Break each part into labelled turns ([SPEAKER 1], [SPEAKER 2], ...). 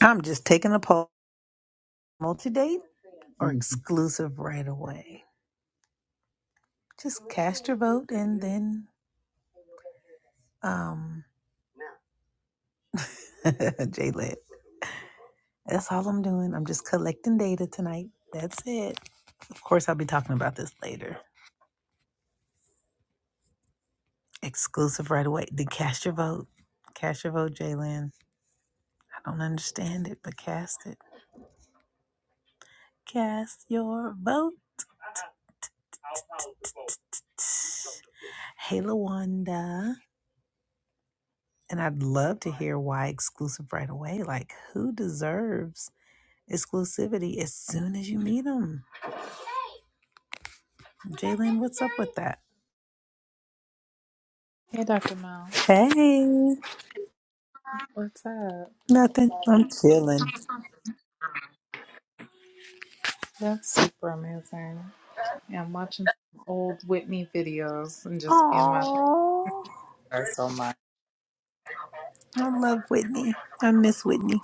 [SPEAKER 1] I'm just taking a poll. Multi date or Mhm. exclusive right away? Just cast your vote and then um J-Lit. That's all I'm doing. I'm just collecting data tonight. That's it. Of course I'll be talking about this later. Exclusive right away. Then cast your vote. Cast your vote, Jalen. I don't understand it, but cast it. Cast your vote. Hey Lawanda. And I'd love to hear why exclusive right away. Like who deserves exclusivity as soon as you meet them. Jalen, what's up with that?
[SPEAKER 2] Hey, Dr. Mel,
[SPEAKER 1] Hey,
[SPEAKER 2] what's up?
[SPEAKER 1] nothing. I'm chilling.
[SPEAKER 2] That's super amazing. Yeah, I'm watching some old Whitney videos and just in my
[SPEAKER 1] Oh,
[SPEAKER 2] feelings so much.
[SPEAKER 1] I love Whitney. I miss Whitney.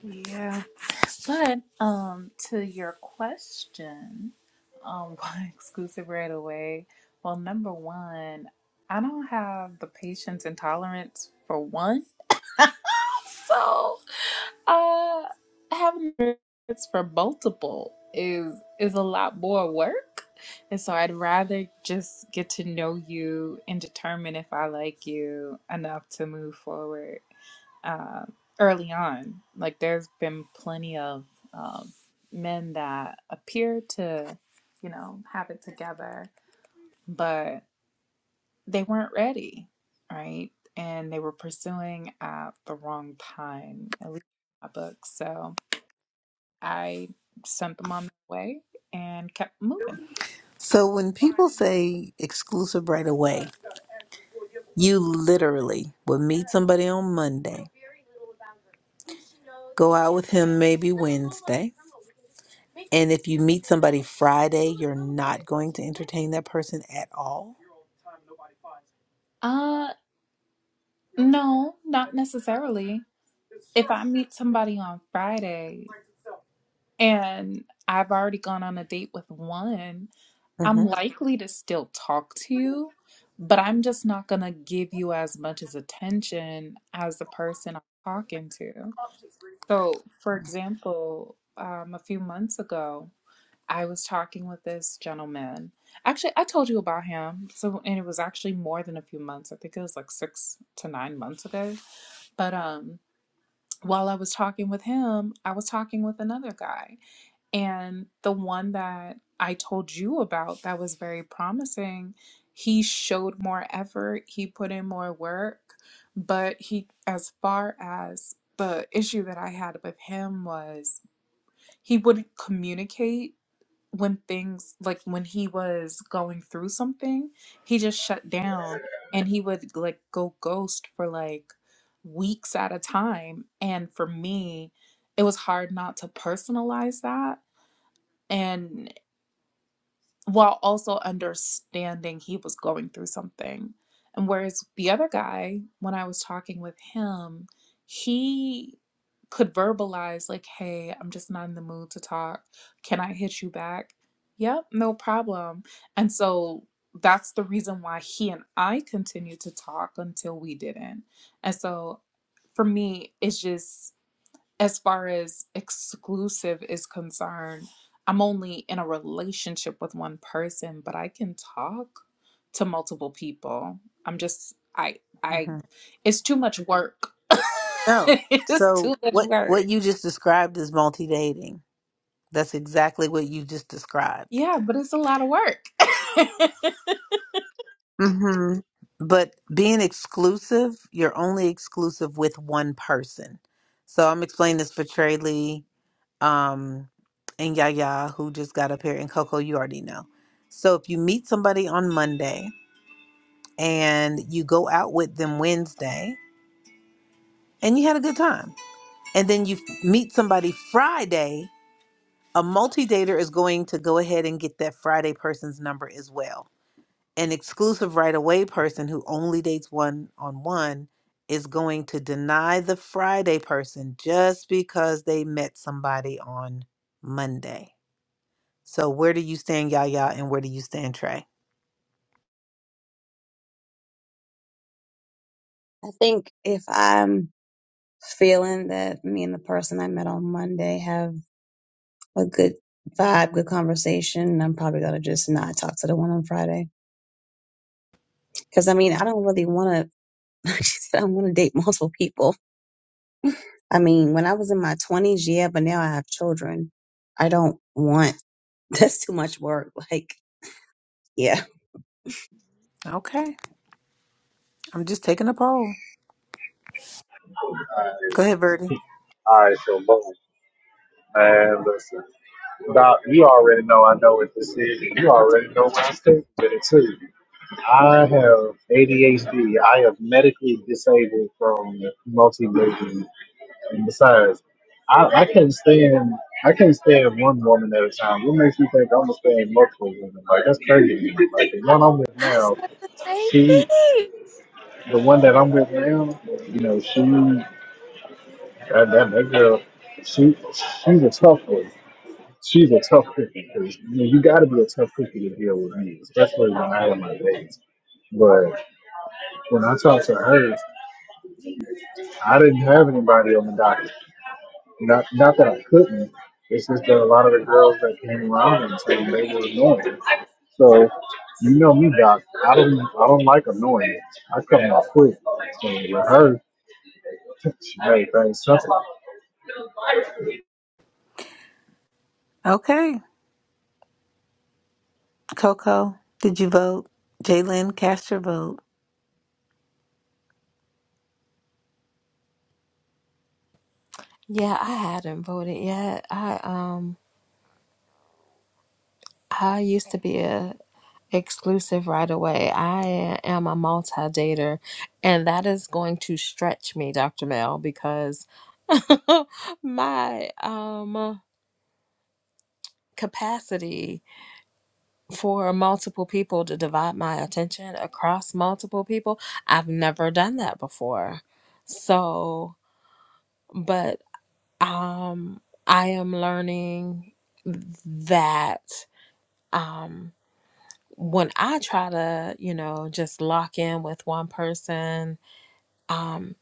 [SPEAKER 2] Yeah, but um, to your question, um, why exclusive right away? Well, number one, I don't have the patience and tolerance for one. So, uh, having words for multiple is is a lot more work, and so I'd rather just get to know you and determine if I like you enough to move forward uh, early on. Like, there's been plenty of um, men that appear to, you know, have it together, but they weren't ready, right? And they were pursuing at the wrong time, at least in my book. So I sent them on their way and kept moving.
[SPEAKER 1] So when people say exclusive right away, you literally will meet somebody on Monday, go out with him maybe Wednesday, and if you meet somebody Friday, you're not going to entertain that person at all.
[SPEAKER 2] Uh, no, not necessarily. If I meet somebody on Friday and I've already gone on a date with one,
[SPEAKER 1] hmm
[SPEAKER 2] I'm likely to still talk to you, but I'm just not gonna give you as much as attention as the person I'm talking to. So, for example, um, a few months ago, I was talking with this gentleman. Actually, I told you about him. So, and it was actually more than a few months. I think it was like six to nine months ago. But um, while I was talking with him, I was talking with another guy. And the one that I told you about that was very promising, he showed more effort, he put in more work, but he, as far as the issue that I had with him was he would communicate when things like when he was going through something, he just shut down and he would like go ghost for like weeks at a time. And for me, it was hard not to personalize that and while also understanding he was going through something. And whereas the other guy, when I was talking with him, he could verbalize, like, hey, I'm just not in the mood to talk. Can I hit you back? Yep, no problem. And so that's the reason why he and I continued to talk until we didn't. And so for me, it's just as far as exclusive is concerned, I'm only in a relationship with one person, but I can talk to multiple people. I'm just I I
[SPEAKER 1] hmm
[SPEAKER 2] it's too much work.
[SPEAKER 1] No.
[SPEAKER 2] it's too
[SPEAKER 1] So
[SPEAKER 2] much
[SPEAKER 1] what what
[SPEAKER 2] work.
[SPEAKER 1] you just described is multi dating. That's exactly what you just described.
[SPEAKER 2] Yeah, but it's a lot of work. I
[SPEAKER 1] hmm But being exclusive, you're only exclusive with one person. So I'm explaining this for Trey Lee um, and Yaya, who just got up here, and Coco, you already know. So if you meet somebody on Monday and you go out with them Wednesday and you had a good time, and then you f- meet somebody Friday, a multi dater is going to go ahead and get that Friday person's number as well. an exclusive right away person who only dates one on one is going to deny the Friday person just because they met somebody on Monday. So where do you stand, Yaya, and where do you stand, Trey?
[SPEAKER 3] I think if I'm feeling that me and the person I met on Monday have a good vibe, good conversation, I'm probably gonna just not talk to the one on Friday. Cause I mean, I don't really wanna, like she said, I wanna date multiple people. I mean, when I was in my 20s, yeah, but now I have children. I don't want, that's too much work. Like, yeah,
[SPEAKER 1] Okay. I'm just taking a poll. Go ahead, Verdi.
[SPEAKER 4] All right, so boom. Man, listen, Doc, you already know I know what this is. You already know what I'm taking with it too. I have ADHD. I am medically disabled from multivision, and besides, I, I can't stand I can't stand one woman at a time. What makes you think I'm gonna stand multiple women? Like that's crazy. Like the one I'm with now,
[SPEAKER 2] said the same
[SPEAKER 4] she,
[SPEAKER 2] thing.
[SPEAKER 4] the one that I'm with now, you know, she God damn, that girl, she she's a tough one. She's a tough cookie because you, know, you got to be a tough cookie to deal with me, especially when I am my days. But when I talked to her, I didn't have anybody on the docket. Not not that I couldn't. It's just that a lot of the girls that came around and said they were annoying. So you know me, Doc. I don't I don't like annoying. I come off quick. So with her, she made things simple.
[SPEAKER 1] Okay. Coco, did you vote? Jalen, cast your vote.
[SPEAKER 5] Yeah, I hadn't voted yet. I um I used to be a exclusive right away. I am a multi-dater and that is going to stretch me, Dr. Mel, because my um capacity for multiple people to divide my attention across multiple people, I've never done that before. So, but um I am learning that um. when I try to, you know, just lock in with one person, um,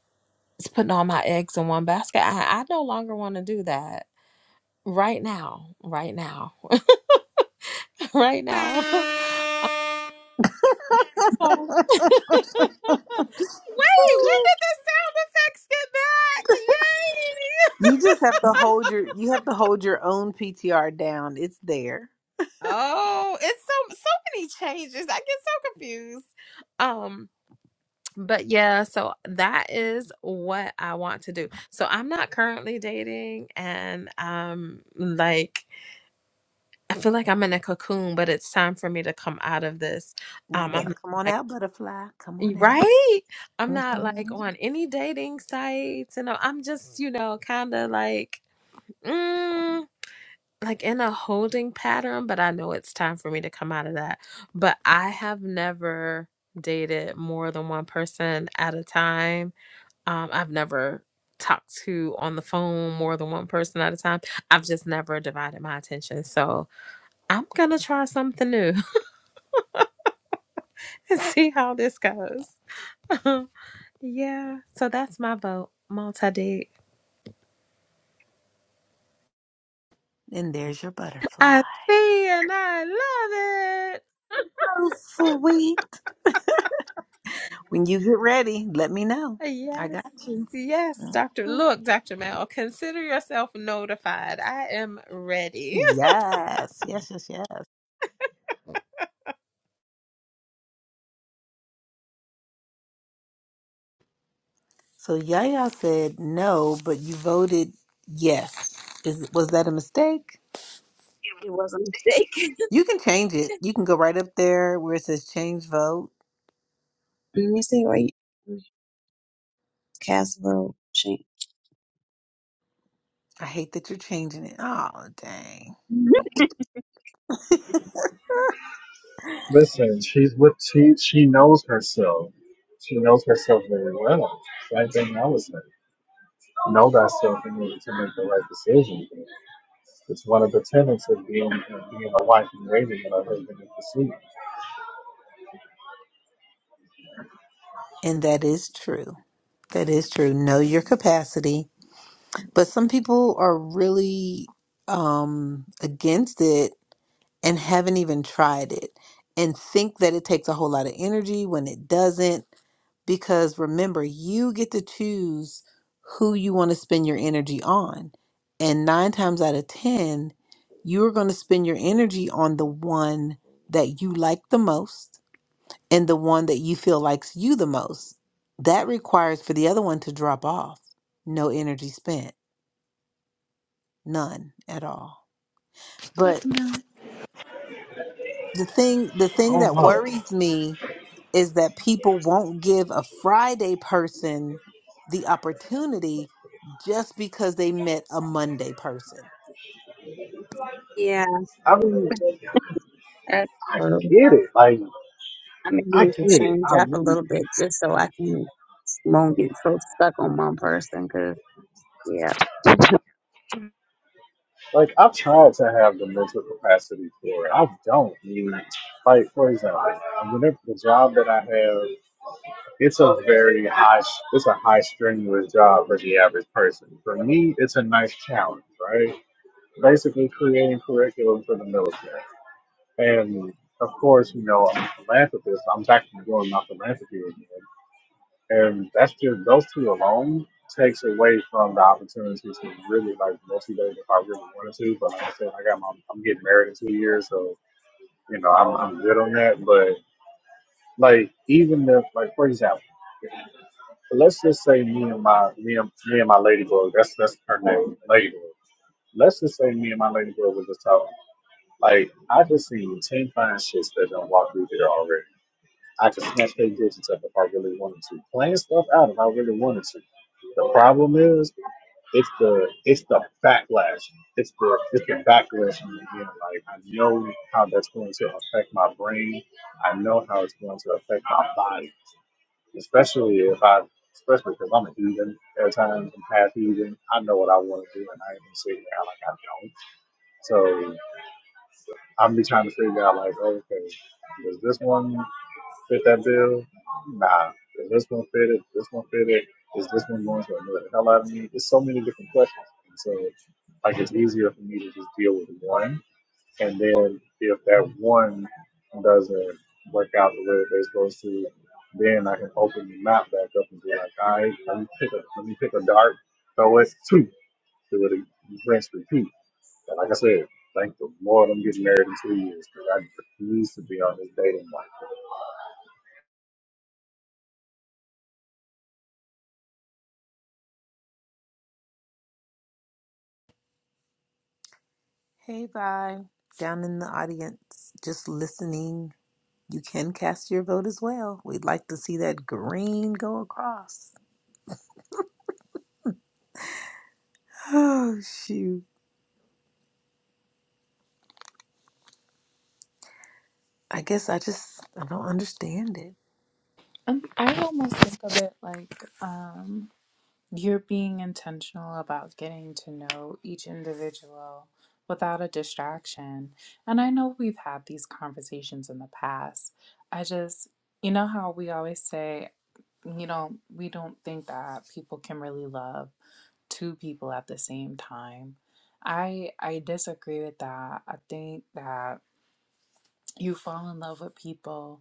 [SPEAKER 5] it's putting all my eggs in one basket. I, I no longer want to do that right now, right now, right now. So, wait, when did the sound effects get
[SPEAKER 1] You just have to
[SPEAKER 5] back?
[SPEAKER 1] hold
[SPEAKER 5] Yay!
[SPEAKER 1] your you have to hold your own PTR down. It's there.
[SPEAKER 5] Oh, it's so so many changes. I get so confused. Um, But yeah, so that is what I want to do. So I'm not currently dating and um like I feel like I'm in a cocoon, but it's time for me to come out of this.
[SPEAKER 1] You
[SPEAKER 5] Um I'm
[SPEAKER 1] better
[SPEAKER 5] not
[SPEAKER 1] come on
[SPEAKER 5] like
[SPEAKER 1] out, butterfly. Come on out.
[SPEAKER 5] right? I'm not like
[SPEAKER 1] hmm
[SPEAKER 5] on any dating sites and I- I'm just, you know, kind of like mm, like in a holding pattern, but I know it's time for me to come out of that. But I have never dated more than one person at a time Um, I've never talked to on the phone more than one person at a time. I've just never divided my attention. So I'm going to try something new and see how this goes. yeah. So that's my vote. Multi dig.
[SPEAKER 1] And there's your butterfly.
[SPEAKER 5] I see and I love
[SPEAKER 1] Oh, sweet. When you get ready, let me know.
[SPEAKER 5] it.
[SPEAKER 1] I
[SPEAKER 5] Yes.
[SPEAKER 1] got you.
[SPEAKER 5] Yes, Dr.
[SPEAKER 1] Mhm.
[SPEAKER 5] Look, Dr. Mel, consider yourself notified. I am ready.
[SPEAKER 1] Yes, yes, yes, yes. So Yaya said no, but you voted yes. Is was that a mistake?
[SPEAKER 3] it was a mistake.
[SPEAKER 1] You can change it. You can go right up there where it says change vote.
[SPEAKER 3] Let me see where you, cast a vote. Change.
[SPEAKER 1] I hate that you're changing it. Oh dang.
[SPEAKER 4] Listen, she's with she she knows herself. She knows herself very well. Same thing I was saying. Know thyself in order to make the right decision. It's one of the tenets of being of being a wife and waiting and a husband in pursuit.
[SPEAKER 1] And that is true. That is true. Know your capacity. But some people are really um against it and haven't even tried it and think that it takes a whole lot of energy when it doesn't because remember, you get to choose who you want to spend your energy on. And nine times out of 10, you're going to spend your energy on the one that you like the most and the one that you feel likes you the most. That requires for the other one to drop off. No energy spent, none at all. But. the thing the
[SPEAKER 4] I
[SPEAKER 1] thing
[SPEAKER 4] don't
[SPEAKER 1] that
[SPEAKER 4] know.
[SPEAKER 1] worries me is that people won't give a Friday person the opportunity just because they met a Monday person.
[SPEAKER 3] Yeah.
[SPEAKER 4] I mean, I get it. Like
[SPEAKER 3] I may
[SPEAKER 4] I
[SPEAKER 3] need to
[SPEAKER 4] get it.
[SPEAKER 3] change
[SPEAKER 4] I
[SPEAKER 3] up a
[SPEAKER 4] really
[SPEAKER 3] little bit just so I can won't get so stuck on one person. Cause yeah,
[SPEAKER 4] like. I've tried to have the mental capacity for it. I don't. I like for example, whenever the job that I have. It's a very high, it's a high strenuous job for the average person. For me, it's a nice challenge, right? Basically, creating curriculum for the military. And of course, you know, I'm a philanthropist. I'm back to doing my philanthropy again, and that's just those two alone takes away from the opportunity to really like motivate if I really wanted to. But like I said, I got my, I'm getting married in two years, so you know, I'm I'm good on that. But like, even if like, for example. let's just say me and my me and me and my ladybug. That's that's her name, ladybug. Let's just say me and my ladybug was just talking. Like I just seen ten fine shits that done walk through there already. I could snatch their digits up if I really wanted to. Playing stuff out if I really wanted to. The problem is it's the it's the backlash. It's the it's the backlash in the end. Like I know how that's going to affect my brain. I know how it's going to affect my body especially if I, especially because I'm a heathen at times, I'm half heathen. I know what I want to do, and I ain't been sitting there like I don't. So I'm be trying to figure out like, okay, does this one fit that bill? Nah. Does this one fit it? Does this one fit it? Is this one going to annoy the hell out of me? There's so many different questions, and so like it's easier for me to just deal with one and then if that one doesn't work out the way that they're supposed to, then I can open the map back up and be like, all right, let me pick a let me pick a dart, throw it two, do it rinse repeat. And like I said, thank the Lord I'm getting married in two years because I refuse to be on this dating life.
[SPEAKER 1] Hey, bye. Down in the audience, just listening. You can cast your vote as well. We'd like to see that green go across. Oh, shoot. I guess I just I don't understand it.
[SPEAKER 2] Um, I almost think of it like um, You're being intentional about getting to know each individual without a distraction. And I know we've had these conversations in the past. I just, you know how we always say, you know, we don't think that people can really love two people at the same time. I I disagree with that. I think that you fall in love with people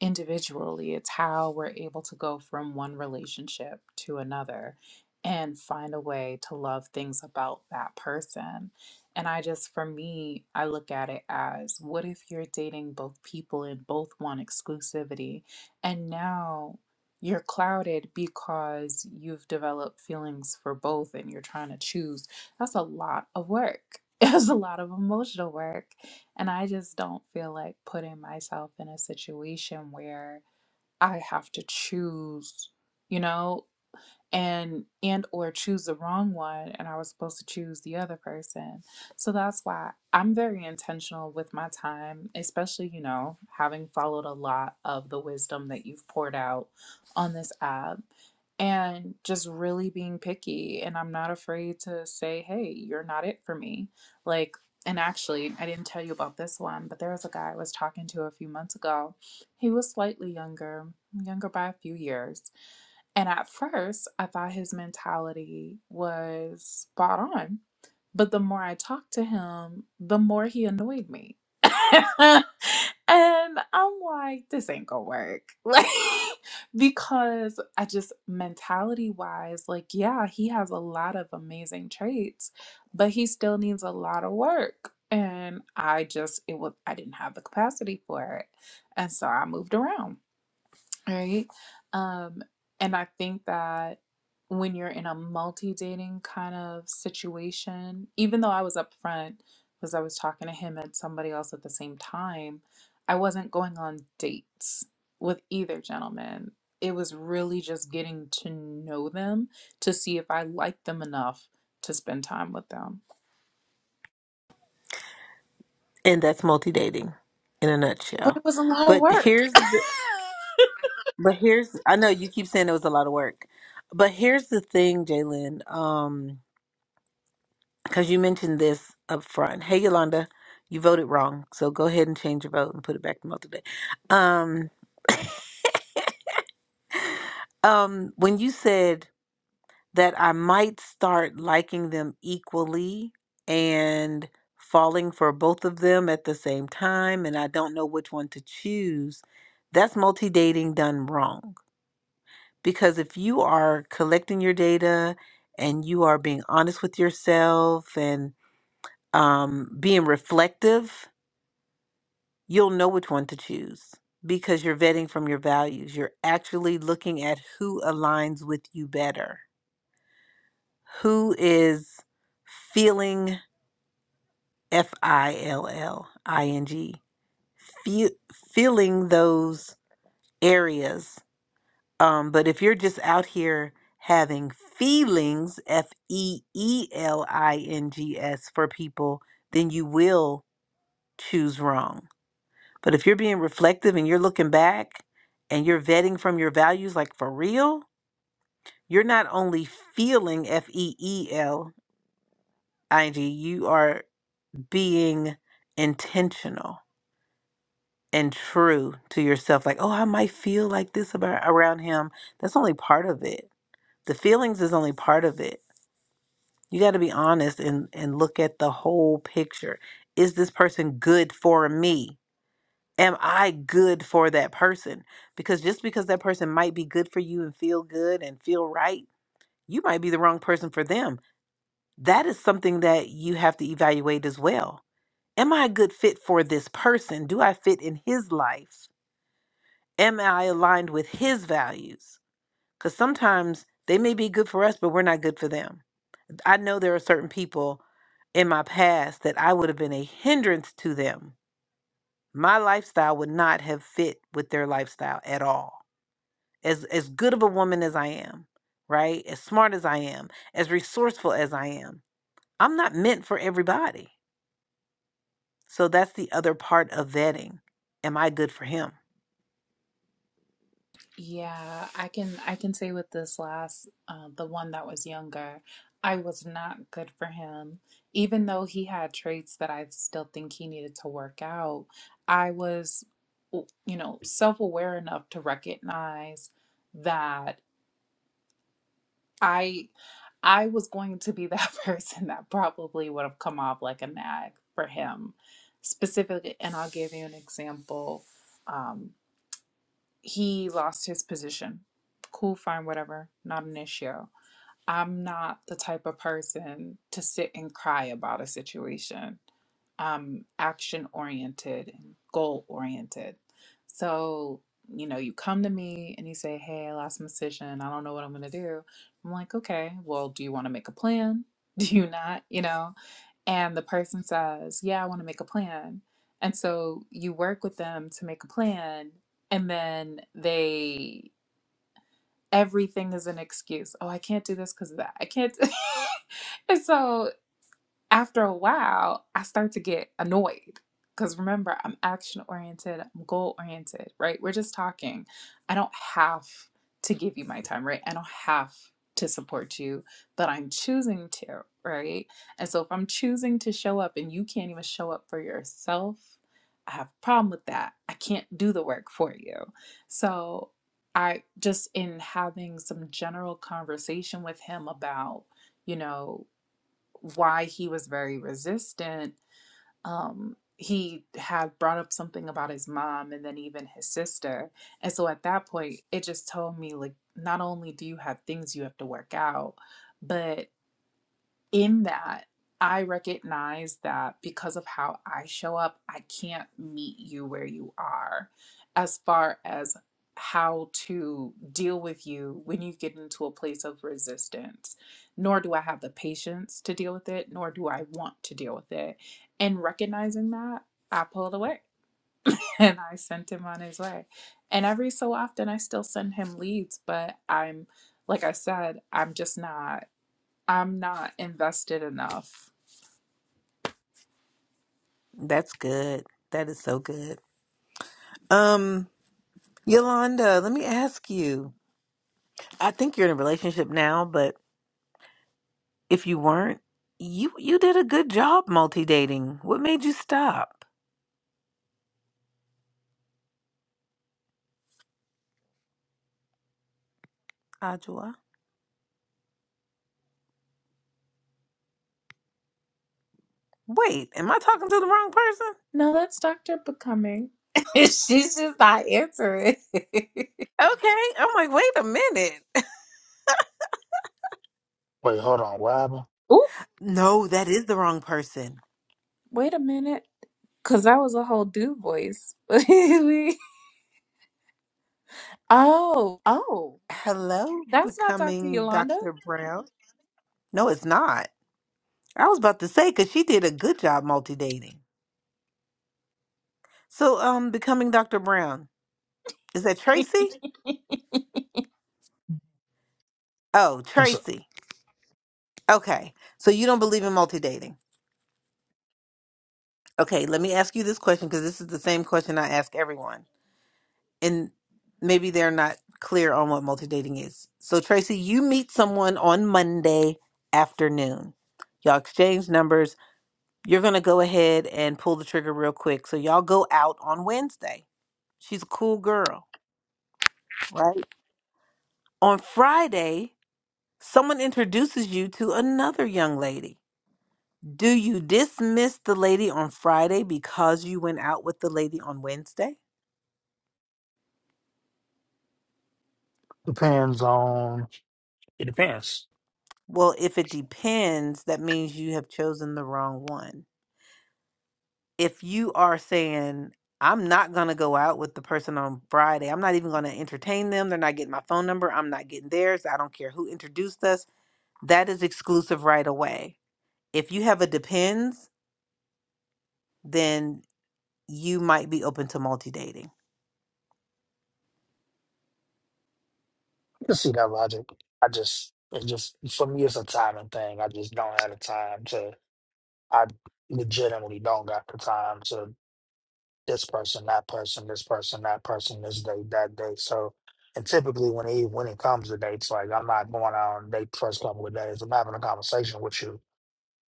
[SPEAKER 2] individually. It's how we're able to go from one relationship to another and find a way to love things about that person. And I just, for me, I look at it as what if you're dating both people and both want exclusivity? And now you're clouded because you've developed feelings for both and you're trying to choose. That's a lot of work. It's a lot of emotional work and I just don't feel like putting myself in a situation where I have to choose, you know, and and or choose the wrong one and I was supposed to choose the other person. So that's why I'm very intentional with my time, especially, you know, having followed a lot of the wisdom that you've poured out on this app and just really being picky and I'm not afraid to say, "Hey, you're not it for me." Like and actually, I didn't tell you about this one, but there was a guy I was talking to a few months ago. He was slightly younger, younger by a few years and at first, I thought his mentality was spot on. But the more I talked to him, the more he annoyed me. and I'm like, this ain't gonna work. Like, because I just mentality wise, like, yeah, he has a lot of amazing traits, but he still needs a lot of work. And I just, it was, I didn't have the capacity for it. And so I moved around right? Um, and I think that when you're in a multi dating kind of situation, even though I was upfront because I was talking to him and somebody else at the same time, I wasn't going on dates with either gentleman. It was really just getting to know them to see if I liked them enough to spend time with them.
[SPEAKER 1] And that's multi dating in a
[SPEAKER 2] But
[SPEAKER 1] nutshell.
[SPEAKER 2] it was a lot of
[SPEAKER 1] But
[SPEAKER 2] work.
[SPEAKER 1] here's But here's, I know you keep saying it was a lot of work, but here's the thing, Jalen, um, because you mentioned this up front. Hey, Yolanda, you voted wrong, so go ahead and change your vote and put it back to multi day. Um, um, when you said that I might start liking them equally and falling for both of them at the same time, and I don't know which one to choose, that's multi dating done wrong Because if you are collecting your data and you are being honest with yourself and um, being reflective, you'll know which one to choose because you're vetting from your values. You're actually looking at who aligns with you better, who is feeling F I L L I N G, fe- feeling those areas Um, but if you're just out here having feelings, F E E L I N G S, for people, then you will choose wrong. But if you're being reflective and you're looking back and you're vetting from your values, like for real, you're not only feeling F E E L I N G, you are being intentional and true to yourself. Like, oh, I might feel like this about around him. That's only part of it. The feelings is only part of it You got to be honest and and look at the whole picture. Is this person good for me? Am I good for that person? Because just because that person might be good for you and feel good and feel right, you might be the wrong person for them. That is something that you have to evaluate as well. Am I a good fit for this person? Do I fit in his life? Am I aligned with his values? Because sometimes they may be good for us, but we're not good for them I know there are certain people in my past that I would have been a hindrance to them. My lifestyle would not have fit with their lifestyle at all. As as good of a woman as I am, right? As smart as I am, as resourceful as I am, I'm not meant for everybody. So that's the other part of vetting. Am I good for him?
[SPEAKER 2] Yeah, I can I can say with this last uh, the one that was younger, I was not good for him. Even though he had traits that I still think he needed to work out, I was, you know, self-aware enough to recognize that I I was going to be that person that probably would have come off like a nag for him specifically. And I'll give you an example. um, he lost his position. Cool, fine, whatever, not an issue. I'm not the type of person to sit and cry about a situation. I'm action oriented and goal oriented. So, you know, you come to me and you say, Hey, I lost my decision. I don't know what I'm going to do. I'm like, Okay, well, do you want to make a plan? Do you not? You know? and the person says, Yeah, I want to make a plan. And so you work with them to make a plan, and then they everything is an excuse. Oh, I can't do this because of that. I can't. and so after a while, I start to get annoyed. Because remember, I'm action oriented, I'm goal oriented, right? We're just talking. I don't have to give you my time, right? I don't have to support you, but I'm choosing to, right? And so if I'm choosing to show up and you can't even show up for yourself, I have a problem with that. I can't do the work for you. So I just in having some general conversation with him about, you know, why he was very resistant. Um, he had brought up something about his mom and then even his sister. And so at that point, it just told me, like, not only do you have things you have to work out, but in that, I recognize that because of how I show up, I can't meet you where you are as far as how to deal with you when you get into a place of resistance. Nor do I have the patience to deal with it, nor do I want to deal with it. And recognizing that, I pulled away and I sent him on his way. And every so often, I still send him leads, but I'm, like I said, I'm just not. I'm not invested enough.
[SPEAKER 1] That's good. That is so good. Um, Yolanda, let me ask you. I think you're in a relationship now, but If you weren't, you you did a good job multi-dating. What made you stop, Ajua? Wait, am I talking to the wrong person?
[SPEAKER 2] No, that's Dr. Becoming. She's just not answering.
[SPEAKER 1] Okay, I'm like, wait a minute.
[SPEAKER 6] Wait, hold on. What happened?
[SPEAKER 2] Oh,
[SPEAKER 1] No, that is the wrong person.
[SPEAKER 2] wait a minute. Because that was a whole dude voice. oh, oh,
[SPEAKER 1] Hello,
[SPEAKER 2] that's not Dr.
[SPEAKER 1] becoming
[SPEAKER 2] Yolanda.
[SPEAKER 1] Dr. Brown. No, it's not. I was about to say because she did a good job multi-dating. So, um, becoming Dr. Brown is that Tracy? Oh,
[SPEAKER 6] What's up?
[SPEAKER 1] Tracy. Okay, so you don't believe in multi-dating. Okay, let me ask you this question because this is the same question I ask everyone. and maybe they're not clear on what multi-dating is. So Tracy, you meet someone on Monday afternoon. Y'all exchange numbers. You're going to go ahead and pull the trigger real quick. So y'all go out on Wednesday. She's a cool girl, right? On Friday, someone introduces you to another young lady. Do you dismiss the lady on Friday because you went out with the lady on Wednesday?
[SPEAKER 6] Depends on. It depends.
[SPEAKER 1] Well, if it depends, that means you have chosen the wrong one if you are saying I'm not going to go out with the person on Friday, I'm not even going to entertain them. They're not getting my phone number. I'm not getting theirs. I don't care who introduced us. That is exclusive right away. If you have a depends, then you might be open to multi dating.
[SPEAKER 6] I can see that logic. I just, it just for me, it's a timing thing. I just don't have the time to. I legitimately don't got the time to this person, that person, this person, that person, this date, that date. So, and typically when it when it comes to dates, like I'm not going out on a date the first couple of days. I'm having a conversation with you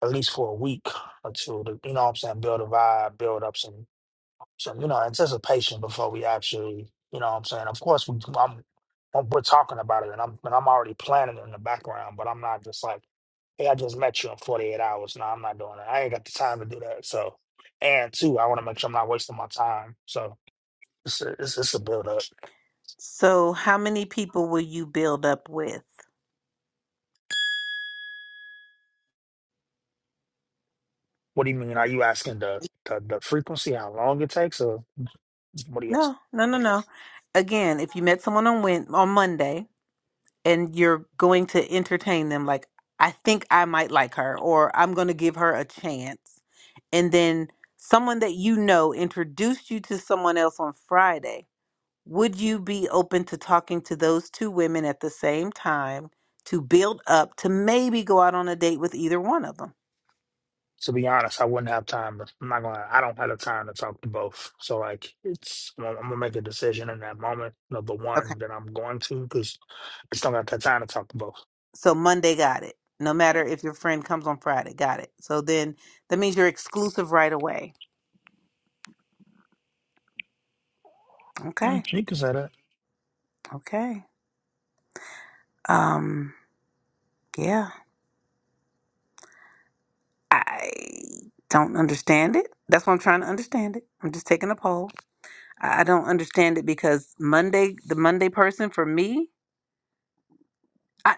[SPEAKER 6] at least for a week or two. To, you know what I'm saying? Build a vibe, build up some So, you know, anticipation before we actually, you know what I'm saying? Of course, we, I'm, I'm- we're talking about it and I'm, and I'm already planning it in the background, but I'm not just like, hey, I just met you in 48 hours. No, I'm not doing that. I ain't got the time to do that. So, and two, I want to make sure I'm not wasting my time. So it's a, it's, it's a build up.
[SPEAKER 1] So, how many people will you build up with?
[SPEAKER 6] What do you mean? Are you asking the, the, the frequency, how long it takes, or what do you asking?
[SPEAKER 1] No, no, no, no. Again, if you met someone on Wed on Monday and you're going to entertain them like i think i might like her or i'm going to give her a chance and then someone that you know introduced you to someone else on friday would you be open to talking to those two women at the same time to build up to maybe go out on a date with either one of them
[SPEAKER 6] to be honest, I wouldn't have time. to- I'm not gonna. I don't have the time to talk to both. So like, it's I'm gonna I'm gonna make a decision in that moment of the
[SPEAKER 1] okay
[SPEAKER 6] one that I'm going to because I just don't got that time to talk to both.
[SPEAKER 1] so monday got it no matter if your friend comes on friday got it so then that means you're exclusive right away okay
[SPEAKER 6] Mm, You can say that.
[SPEAKER 1] okay um yeah I don't understand it. That's why I'm trying to understand it. I'm just taking a poll. I I don't understand it because Monday, the Monday person for me, I,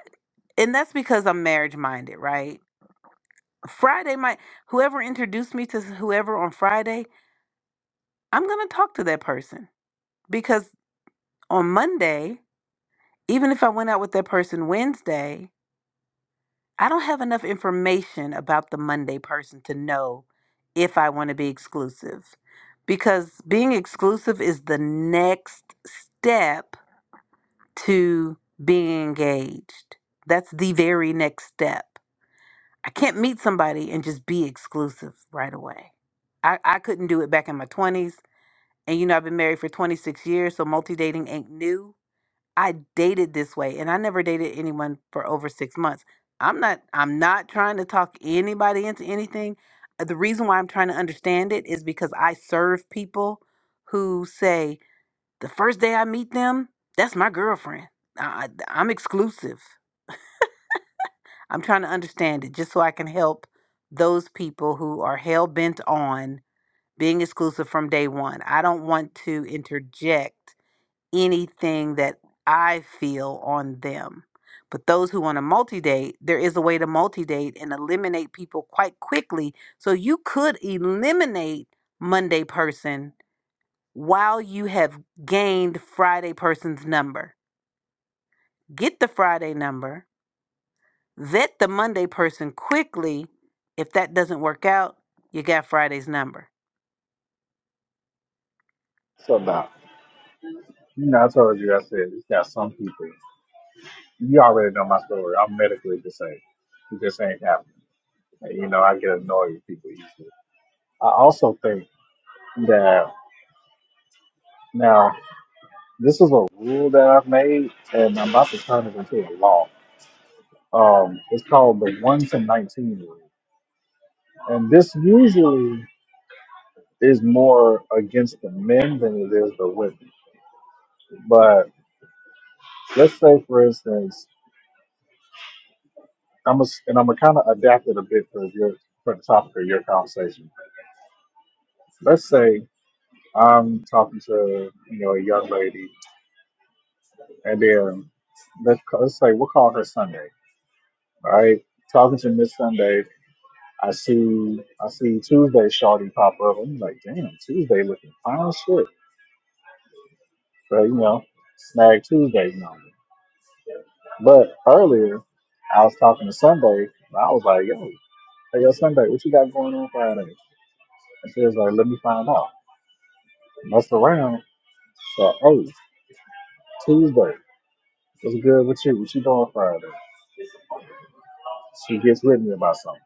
[SPEAKER 1] and that's because I'm marriage minded, right? Friday might, whoever introduced me to whoever on Friday, I'm going to talk to that person because on Monday, even if I went out with that person Wednesday, I don't have enough information about the Monday person to know if I want to be exclusive because being exclusive is the next step to being engaged. That's the very next step. I can't meet somebody and just be exclusive right away. I, I couldn't do it back in my 20s. And you know, I've been married for 26 years, so multi dating ain't new I dated this way and I never dated anyone for over 6 months. I'm not I'm not trying to talk anybody into anything. Uh, The reason why I'm trying to understand it is because I serve people who say the first day I meet them, that's my girlfriend. I, I- I'm exclusive. I'm trying to understand it just so I can help those people who are hell bent on being exclusive from day one. I don't want to interject anything that I feel on them. But those who want to multi date, there is a way to multi date and eliminate people quite quickly. So you could eliminate Monday person while you have gained Friday person's number. Get the Friday number, vet the Monday person quickly. If that doesn't work out, you got Friday's number.
[SPEAKER 4] So now, you know, I told you, I said, it's got some people. You already know my story. I'm medically disabled. It just ain't happening. And, you know, I get annoyed with people easily. I also think that Now, this is a rule that I've made, and I'm about to turn it into a law. Um, it's called the 1 to 19 rule. And this usually is more against the men than it is the women. But let's say, for instance, I'm a, and I'm going to kind of adapt it a bit for, your, for the topic of your conversation. Let's say I'm talking to you know a young lady, and then let's, ca- let's say we'll call her Sunday, all right? Talking to Miss Sunday, I see I see Tuesday Shawty pop up. I'm like, damn, Tuesday looking fine as shit. But you know, snag Tuesday number. But earlier I was talking to Sunday and I was like, yo, hey yo Sunday, what you got going on Friday? And she was like, Let me find out. Messed around. So hey, Tuesday, what's good with you? What you doing Friday? She gets with me about something.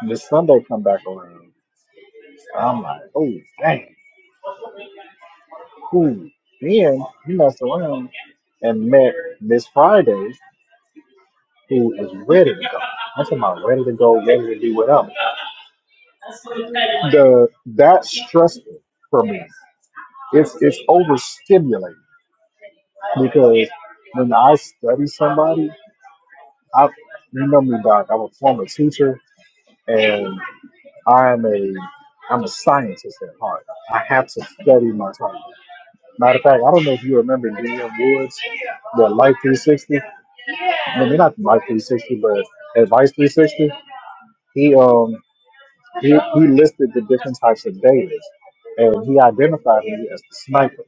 [SPEAKER 4] And this Sunday come back around. I'm like, oh dang. who then he messed around and met Miss Friday, who is ready to go. I'm talking about ready to go, ready to do whatever. The that's stressful for me. It's it's overstimulating because when I study somebody, I you know me, Doc. I'm a former teacher, and I am a I'm a scientist at heart. I have to study my topic. Matter of fact, I don't know if you remember DM Woods, the Life 360. No, maybe not Life 360, but Advice 360. He um he, he listed the different types of daters, and he identified me as the sniper.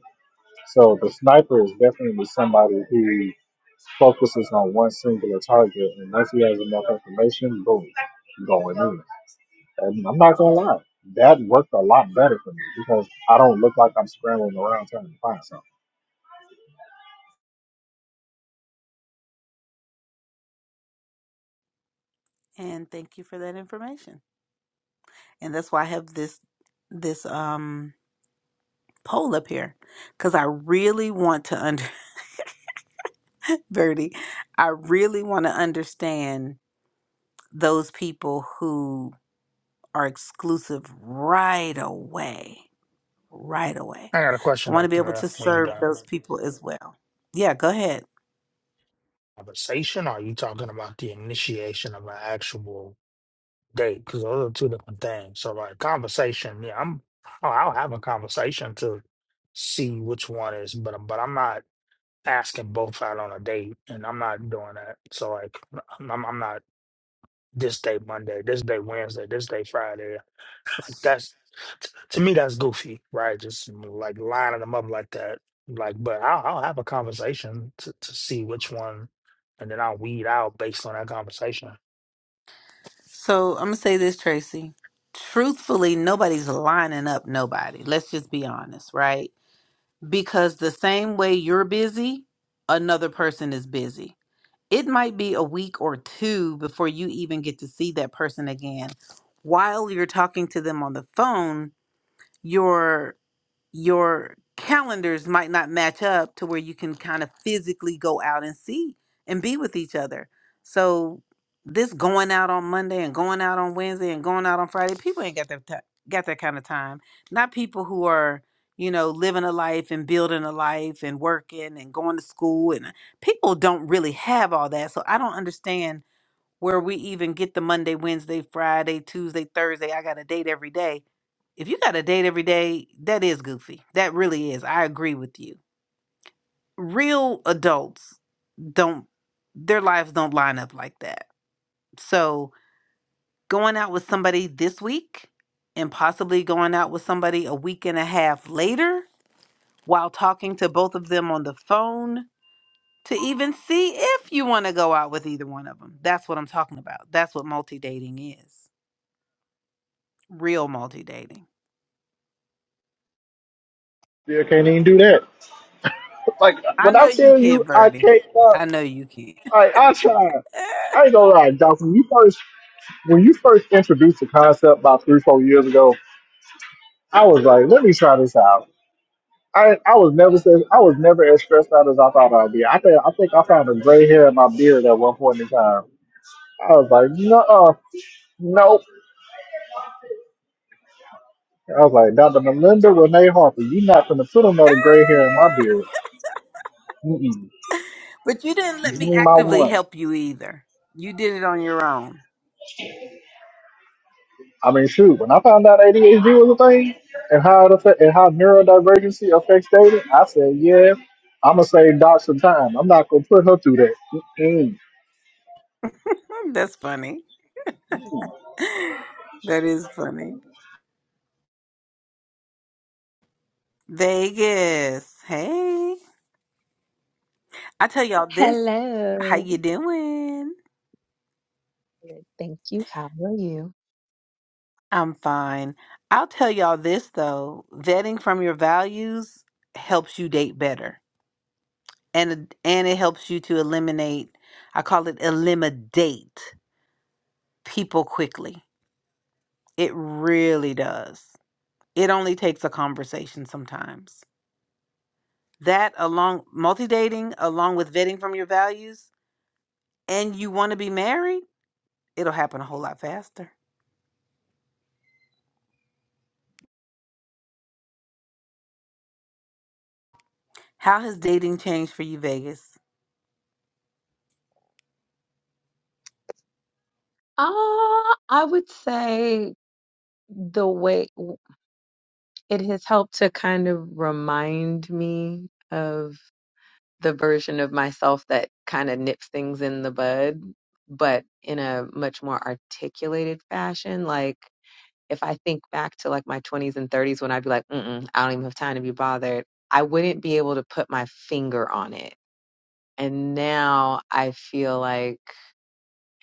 [SPEAKER 4] So the sniper is definitely somebody who focuses on one singular target, and once he has enough information, boom, going in. And I'm not gonna lie, that worked a lot better for me because I don't look like I'm scrambling around trying to find something.
[SPEAKER 1] And thank you for that information. And that's why I have this this um poll up here because I really want to under Birdie, I really want to understand those people who are exclusive right away. Right away.
[SPEAKER 6] I got a
[SPEAKER 1] I
[SPEAKER 6] question,
[SPEAKER 1] want to be
[SPEAKER 6] Doctor
[SPEAKER 1] able
[SPEAKER 6] Mayor.
[SPEAKER 1] to
[SPEAKER 6] When you
[SPEAKER 1] serve
[SPEAKER 6] done
[SPEAKER 1] those people as well. Yeah, go ahead.
[SPEAKER 6] conversation, or are you talking about the initiation of an actual date? Because those are two different things. So like conversation, yeah, I'm. i I'll have a conversation to see which one is, but but I'm not. asking both out on a date, and I'm not doing that. So like, I'm I'm I'm not this day Monday, this day Wednesday, this day Friday. Like that's t- to me that's goofy, right? Just mm, like lining them up like that. Like, but I'll, I'll have a conversation to to see which one, and then I'll weed out based on that conversation.
[SPEAKER 1] So I'm gonna say this, Tracy. Truthfully, nobody's lining up nobody. Let's just be honest, right? Because the same way you're busy, another person is busy it might be a week or two before you even get to see that person again. While you're talking to them on the phone, your your calendars might not match up to where you can kind of physically go out and see and be with each other. So this going out on Monday and going out on Wednesday and going out on Friday, people ain't got that ti- got that kind of time. Not people who are, you know, living a life and building a life and working and going to school and uh, people don't really have all that. So I don't understand where we even get the Monday, Wednesday, Friday, Tuesday, Thursday. I got a date every day. If you got a date every day, that is goofy. That really is. I agree with you. Real adults don't, their lives don't line up like that. So going out with somebody this week and possibly going out with somebody a week and a half later while talking to both of them on the phone to even see if you want to go out with either one of them. That's what I'm talking about. That's what multi dating is. real multi dating.
[SPEAKER 4] Still can't even do that. Like
[SPEAKER 1] I
[SPEAKER 4] when
[SPEAKER 1] know
[SPEAKER 4] I
[SPEAKER 1] you
[SPEAKER 4] tell you
[SPEAKER 1] can't,
[SPEAKER 4] I
[SPEAKER 1] Birdie.
[SPEAKER 4] can't uh,
[SPEAKER 1] I know you can't.
[SPEAKER 4] I I tried. I ain't gonna lie, Dawson. You first when you first introduced the concept about three, four years ago, I was like, let me try this out. I, I was never so, I was never as stressed out as I thought I'd be. I think I think I found a gray hair in my beard at one point in time. I was like, no, nope. I was like, Dr. Melinda Renee Harper, you're not gonna put another gray hair in my beard. Mm-mm.
[SPEAKER 1] but you didn't let
[SPEAKER 4] Give
[SPEAKER 1] me
[SPEAKER 4] me my
[SPEAKER 1] actively
[SPEAKER 4] one.
[SPEAKER 1] help you either. You did it on your own.
[SPEAKER 4] I mean, shoot, when I found out ADHD was a thing and how it affect, and how neurodivergency affects dating, I said, yeah, I'm gonna save Doc some time. I'm not gonna put her through that. Mm-mm.
[SPEAKER 1] That's funny. That is funny. Vegas. Hey. I tell y'all this. How
[SPEAKER 7] Hello.
[SPEAKER 1] you doing?
[SPEAKER 7] Good, Thank you. How are you?
[SPEAKER 1] I'm fine. I'll tell y'all this though. Vetting from your values helps you date better. And it- and it helps you to eliminate I call it eliminate people quickly It really does. It only takes a conversation sometimes. That along multi dating, along with vetting from your values, and you want to be married, it'll happen a whole lot faster. How has dating changed for you, Vegas?
[SPEAKER 7] Uh, I would say the way it has helped to kind of remind me of the version of myself that kind of nips things in the bud, but in a much more articulated fashion. Like if I think back to like my 20s and 30s when I'd be like, Mm-mm, I don't even have time to be bothered, I wouldn't be able to put my finger on it. And now I feel like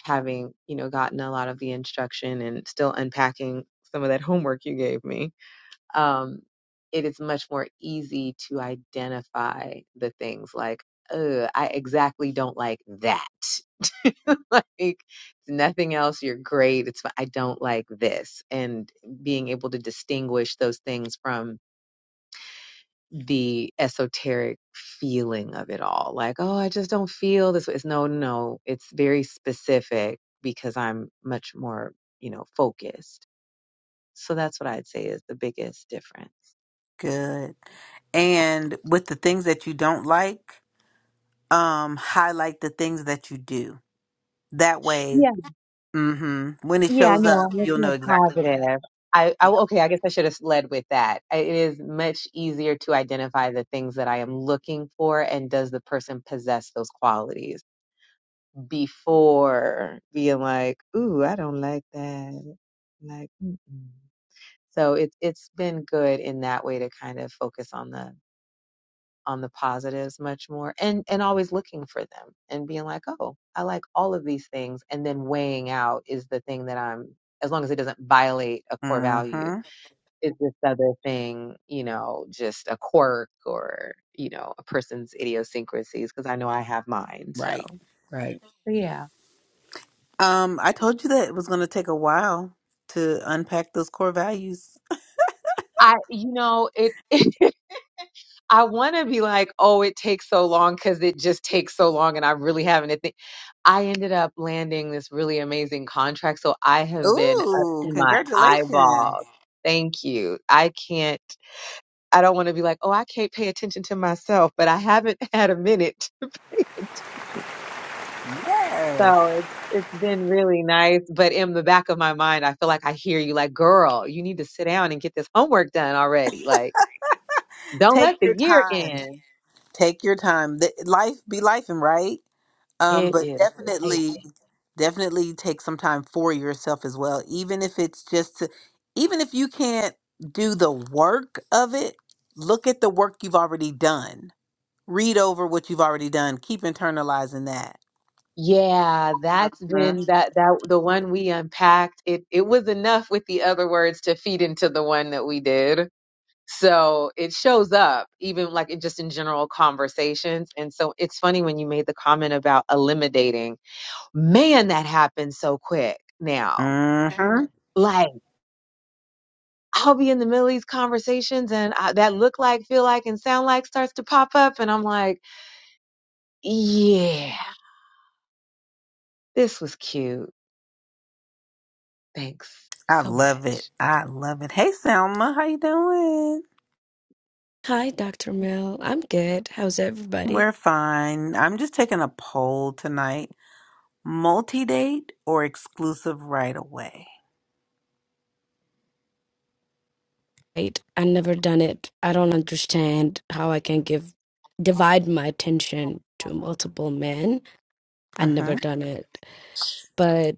[SPEAKER 7] having you know gotten a lot of the instruction and still unpacking some of that homework you gave me um it is much more easy to identify the things like Ugh, i exactly don't like that like it's nothing else you're great it's fi- i don't like this and being able to distinguish those things from the esoteric feeling of it all. Like, oh, I just don't feel this way. It's no, no, it's very specific because I'm much more, you know, focused. So that's what I'd say is the biggest difference.
[SPEAKER 1] Good. And with the things that you don't like, um, highlight the things that you do. That way,
[SPEAKER 7] Yeah,
[SPEAKER 1] mm-hmm, when it
[SPEAKER 7] yeah,
[SPEAKER 1] shows
[SPEAKER 7] no,
[SPEAKER 1] up,
[SPEAKER 7] I'm
[SPEAKER 1] you'll
[SPEAKER 7] looking
[SPEAKER 1] know
[SPEAKER 7] at
[SPEAKER 1] exactly what it is.
[SPEAKER 7] positive. I, I
[SPEAKER 1] Yep.
[SPEAKER 7] okay, I guess I should have led with that. I- It is much easier to identify the things that I am looking for and does the person possess those qualities before being like, ooh, I don't like that. Like, mm-mm. So it's it's been good in that way to kind of focus on the on the positives much more and and always looking for them and being like, "Oh, I like all of these things," and then weighing out is the thing that I'm as long as it doesn't violate a core value,
[SPEAKER 1] Mm-hmm.
[SPEAKER 7] is this other thing, you know, just a quirk or, you know, a person's idiosyncrasies? Because I know I have mine.
[SPEAKER 1] Right.
[SPEAKER 7] So,
[SPEAKER 1] Right.
[SPEAKER 7] yeah.
[SPEAKER 1] Um, I told you that it was going to take a while to unpack those core values.
[SPEAKER 7] I, you know, it, I want to be like, oh, it takes so long because it just takes so long and I really haven't. a thing." I ended up landing this really amazing contract. So I have been up
[SPEAKER 1] Ooh,
[SPEAKER 7] to my
[SPEAKER 1] congratulations.
[SPEAKER 7] eyeballs. Thank you. I can't, I don't want to be like, oh, I can't pay attention to myself, but I haven't had a minute to pay attention.
[SPEAKER 1] Yes.
[SPEAKER 7] So it's, it's been really nice. But in the back of my mind, I feel like I hear you like, girl, you need to sit down and get this homework done already. Like, don't
[SPEAKER 1] Take
[SPEAKER 7] let the
[SPEAKER 1] your
[SPEAKER 7] year
[SPEAKER 1] time.
[SPEAKER 7] end.
[SPEAKER 1] Take your time. The- Life be life and right. Um,
[SPEAKER 7] It
[SPEAKER 1] but
[SPEAKER 7] is life.
[SPEAKER 1] definitely definitely take some time for yourself as well, even if it's just to, even if you can't do the work of it, look at the work you've already done. Read over what you've already done. Keep internalizing that.
[SPEAKER 7] Yeah, that's been that that the one we unpacked. It it was enough with the other words to feed into the one that we did. So it shows up even like in just in general conversations. And so it's funny when you made the comment about eliminating. Man, that happens so quick now.
[SPEAKER 1] Mhm.
[SPEAKER 7] Like I'll be in the middle of these conversations and I, that look like, feel like, and sound like starts to pop up, and I'm like, yeah, this was cute. Thanks
[SPEAKER 1] I
[SPEAKER 7] so
[SPEAKER 1] love
[SPEAKER 7] much.
[SPEAKER 1] it. I love it. Hey, Selma, how you doing?
[SPEAKER 8] Hi, Dr. Mill. I'm good. How's everybody?
[SPEAKER 1] We're fine. I'm just taking a poll tonight. Multi-date or exclusive right away?
[SPEAKER 8] Right. I never done it. I don't understand how I can give divide my attention to multiple men. I
[SPEAKER 1] Uh-huh.
[SPEAKER 8] never done it. But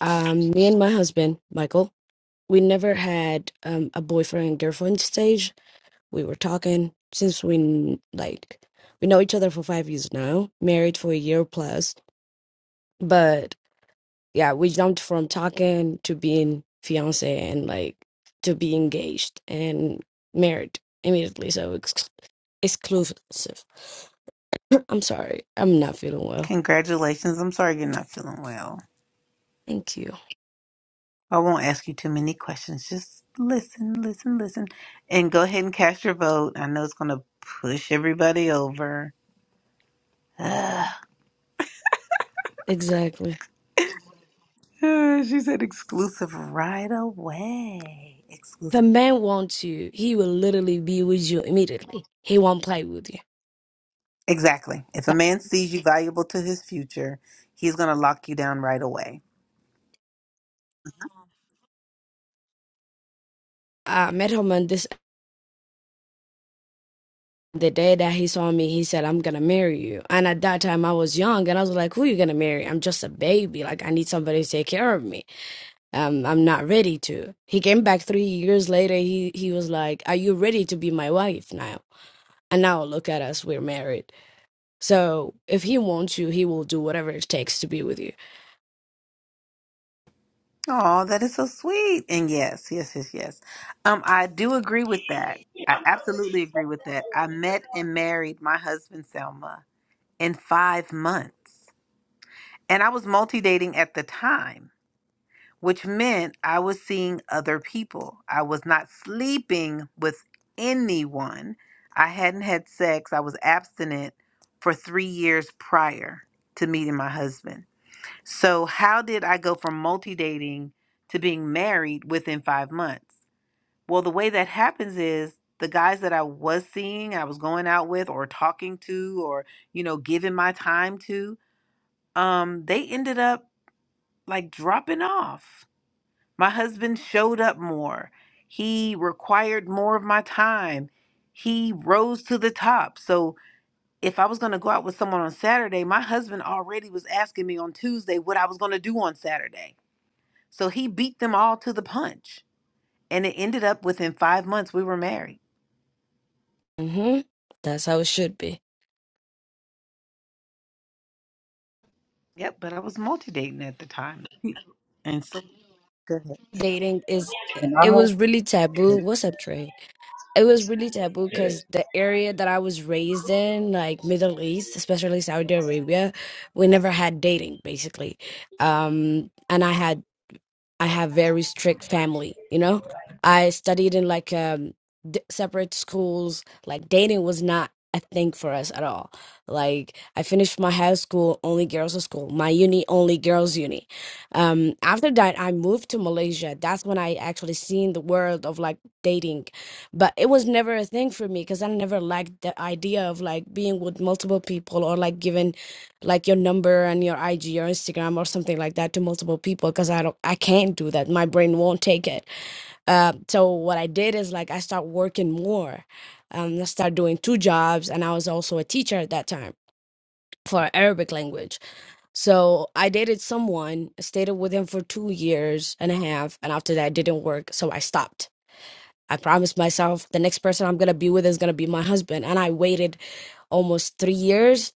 [SPEAKER 8] um me and my husband, Michael, we never had um a boyfriend and girlfriend stage. We were talking since we kn- like we know each other for 5 years now, married for a year plus. But yeah, we jumped from talking to being fiance and like to be engaged and married immediately. So ex- exclusive. I'm sorry, I'm not feeling well.
[SPEAKER 1] Congratulations. I'm sorry you're not feeling well.
[SPEAKER 8] Thank you.
[SPEAKER 1] I won't ask you too many questions. Just listen, listen, listen, and go ahead and cast your vote. I know it's going to push everybody over. Ugh.
[SPEAKER 8] Exactly.
[SPEAKER 1] Uh, She said exclusive right away.
[SPEAKER 8] If a man wants you, he will literally be with you immediately. He won't play with you.
[SPEAKER 1] Exactly. If a
[SPEAKER 8] Th-
[SPEAKER 1] man sees you valuable to his future, he's going to lock you down right away.
[SPEAKER 8] I met him on this the day that he saw me. He said, "I'm gonna marry you." And at that time, I was young, and I was like, "Who you gonna marry? I'm just a baby. Like I need somebody to take care of me." um, I'm not ready to. He came back three years later. He he was like, "Are you ready to be my wife now?" And now look at us, we're married. So if he wants you, he will do whatever it takes to be with you.
[SPEAKER 1] Oh, that is so sweet. And yes, yes, yes, yes. Um, I do agree with that. I absolutely agree with that. I met and married my husband, Selma, in five months. And I was multi dating at the time. which meant I was seeing other people. I was not sleeping with anyone. I hadn't had sex. I was abstinent for three years prior to meeting my husband. So, how did I go from multi dating to being married within five months? Well, the way that happens is the guys that I was seeing, I was going out with, or talking to, or, you know, giving my time to, um, they ended up like dropping off my husband showed up more. He required more of my time. He rose to the top. So if I was going to go out with someone on Saturday, my husband already was asking me on Tuesday what I was going to do on Saturday. So he beat them all to the punch. And it ended up within five months we were married.
[SPEAKER 8] hmm That's how it should be.
[SPEAKER 1] Yep, but I was multi dating at the time. And so, go
[SPEAKER 8] Dating is.
[SPEAKER 4] And
[SPEAKER 8] It
[SPEAKER 4] I
[SPEAKER 8] was really taboo. What's up, Trey? It was really taboo because the area that I was raised in, like Middle East, especially Saudi Arabia, we never had dating basically. Um, and I had I have very strict family, you know? I studied in like um d- separate schools. Like dating was not a thing for us at all. Like I finished my high school only girls school, my uni only girls uni. Um after that I moved to Malaysia. That's when I actually seen the world of like dating. But it was never a thing for me cuz I never liked the idea of like being with multiple people or like giving like your number and your IG or Instagram or something like that to multiple people because I don't I can't do that. My brain won't take it. Uh, so what I did is like I start working more. Um, I started doing two jobs and I was also a teacher at that time for Arabic language. So I dated someone, stayed with him for two years and a half, and after that didn't work, so I stopped I promised myself the next person I'm gonna be with is gonna be my husband, and I waited almost three years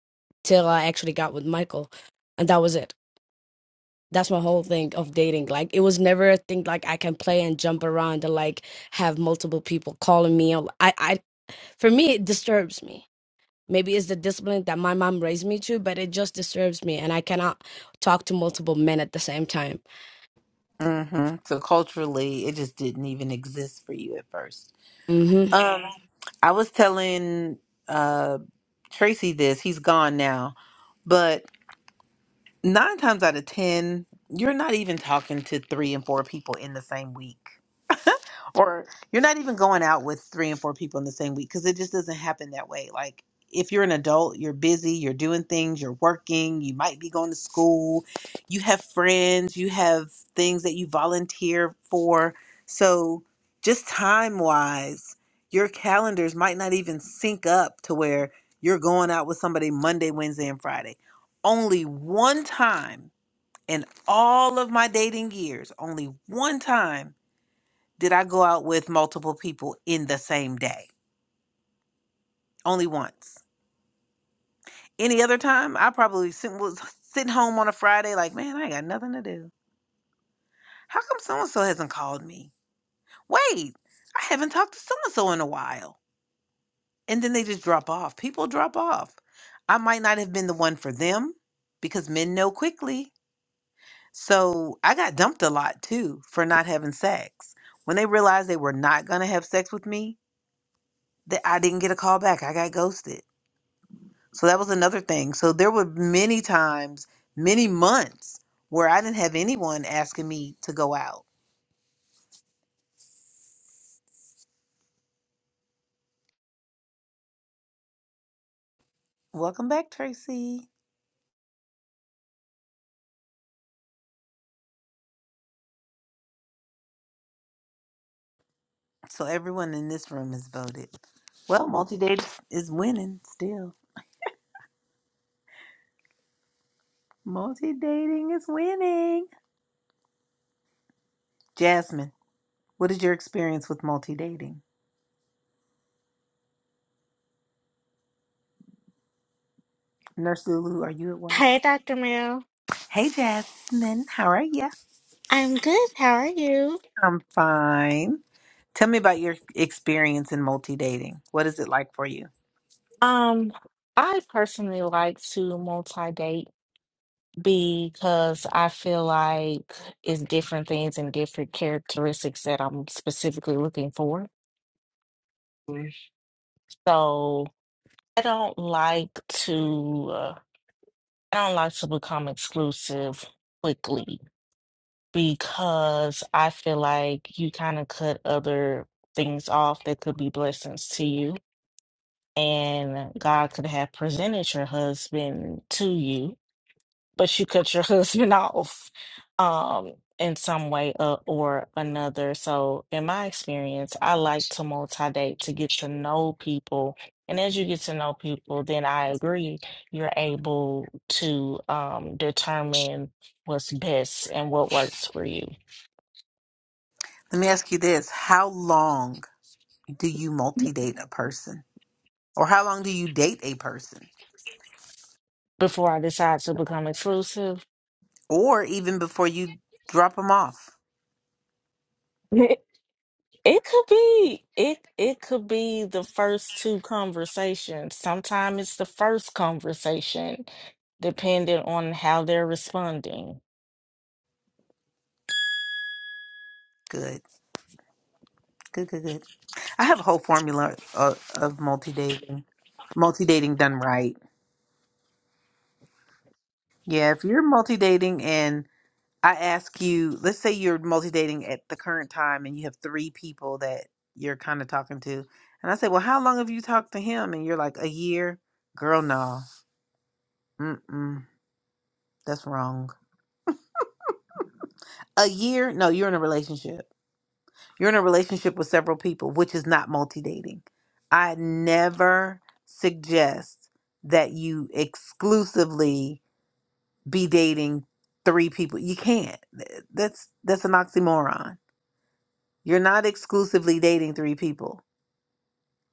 [SPEAKER 8] till I actually got with Michael, and that was it. That's my whole thing of dating. Like it was never a thing like I can play and jump around and like have multiple people calling me. I, I for me it disturbs me. Maybe it's the discipline that my mom raised me to, but it just disturbs me, and I cannot talk to multiple men at the same time.
[SPEAKER 1] ahead. hmm so culturally, it just didn't even exist for you at first.
[SPEAKER 8] Mm-hmm.
[SPEAKER 1] Um, I was telling uh Tracy this. He's gone now, but nine times out of ten, you're not even talking to three and four people in the same week or you're not even going out with three and four people in the same week because it just doesn't happen that way. Like if you're an adult, you're busy, you're doing things, you're working, you might be going to school, you have friends, you have things that you volunteer for. So just time wise, your calendars might not even sync up to where you're going out with somebody Monday, Wednesday, and Friday. Only one time in all of my dating years, only one time did I go out with multiple people in the same day. Only once. Any other time, I probably sit, was sitting home on a Friday, like, man, I ain't got nothing to do. How come so and so hasn't called me? Wait, I haven't talked to so and so in a while. And then they just drop off. People drop off. I might not have been the one for them because men know quickly. So I got dumped a lot too for not having sex. When they realized they were not going to have sex with me, that I didn't get a call back. I got ghosted. So that was another thing. So there were many times, many months where I didn't have anyone asking me to go out. Welcome back, Tracy. So everyone in this room has voted. Well, multi dating is winning still. Multi dating is winning. Jasmine, what is your experience with multi dating? Nurse Lulu, are you at work?
[SPEAKER 9] Hey, Dr. Mel.
[SPEAKER 1] Hey, Jasmine, how are you?
[SPEAKER 9] I'm good. How are you?
[SPEAKER 1] I'm fine. Tell me about your experience in multi dating. What is it like for you?
[SPEAKER 9] Um, I personally like to multi-date because I feel like it's different things and different characteristics that I'm specifically looking for. Mm. So I don't like to uh, I don't like to become exclusive quickly because I feel like you kind of cut other things off that could be blessings to you. and God could have presented your husband to you, but you cut your husband off um in some way uh, or another. So in my experience, I like to multi-date to get to know people. And as you get to know people, then I agree you're able to um determine what's best and what works for you.
[SPEAKER 1] Let me ask you this. How long do you multi date a person? Or how long do you date a person?
[SPEAKER 9] Before I decide to become exclusive,
[SPEAKER 1] Or even before you drop them off?
[SPEAKER 9] It could be it it could be the first two conversations. Sometimes it's the first conversation, depending on how they're responding.
[SPEAKER 1] Good. Good, good, good. I have a whole formula of, of multi dating, multi dating done right. Yeah, if you're multi dating and I ask you, let's say you're multi dating at the current time and you have three people that you're kind of talking to. And I say, well, how long have you talked to him? And you're like, a year. Girl, no. Mm-mm. That's wrong. a year no you're in a relationship you're in a relationship with several people which is not multi-dating i never suggest that you exclusively be dating three people you can't Th- that's that's an oxymoron you're not exclusively dating three people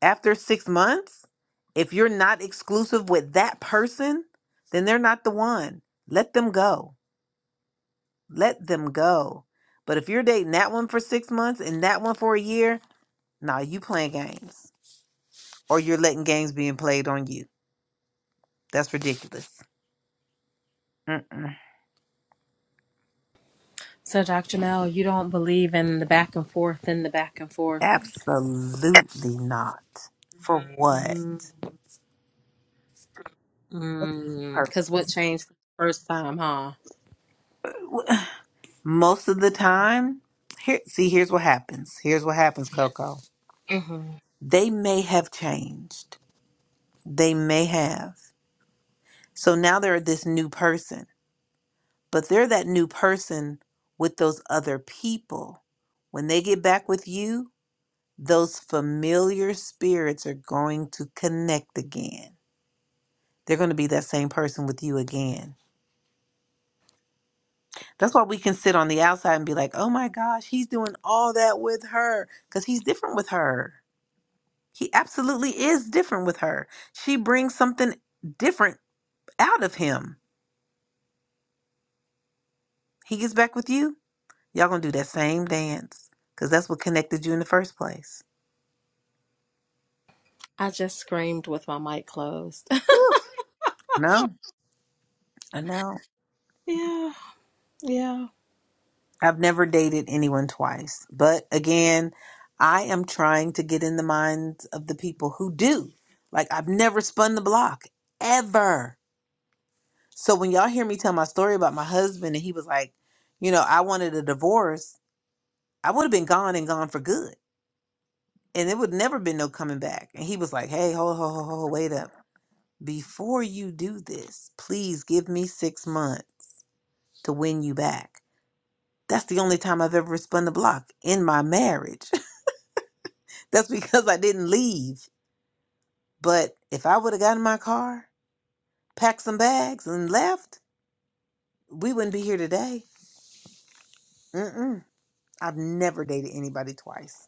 [SPEAKER 1] after six months if you're not exclusive with that person then they're not the one let them go let them go but if you're dating that one for six months and that one for a year Nah, you playing games, or you're letting games being played on you. That's ridiculous. Mm-mm.
[SPEAKER 5] So, Dr. Mel, you don't believe in the back and forth and the back and forth.
[SPEAKER 1] Absolutely not. For what?
[SPEAKER 5] Mm,
[SPEAKER 1] What's the
[SPEAKER 5] Because what
[SPEAKER 1] purpose?
[SPEAKER 5] changed the first time, huh?
[SPEAKER 1] Most of the time, here. See, here's what happens. Here's what happens, Coco.
[SPEAKER 5] hmm
[SPEAKER 1] They may have changed. They may have. So now they're this new person, but they're that new person with those other people. When they get back with you, those familiar spirits are going to connect again. They're going to be that same person with you again. That's why we can sit on the outside and be like, oh my gosh, he's doing all that with her because he's different with her. He absolutely is different with her. She brings something different out of him. He gets back with you. Y'all going to do that same dance because that's what connected you in the first place.
[SPEAKER 5] I just screamed with my mic closed.
[SPEAKER 1] No, I know.
[SPEAKER 5] yeah, yeah.
[SPEAKER 1] I've never dated anyone twice. But again, I am trying to get in the minds of the people who do. Like, I've never spun the block ever. So when y'all hear me tell my story about my husband and he was like, you know, I wanted a divorce, I would have been gone and gone for good. And it would never been no coming back. And he was like, hey, hold, hold, hold, hold, wait up. Before you do this, please give me six months to win you back. That's the only time I've ever spun the block in my marriage. That's because I didn't leave. But if I would have gotten in my car, packed some bags, and left, we wouldn't be here today. Mm-mm. I've never dated anybody twice.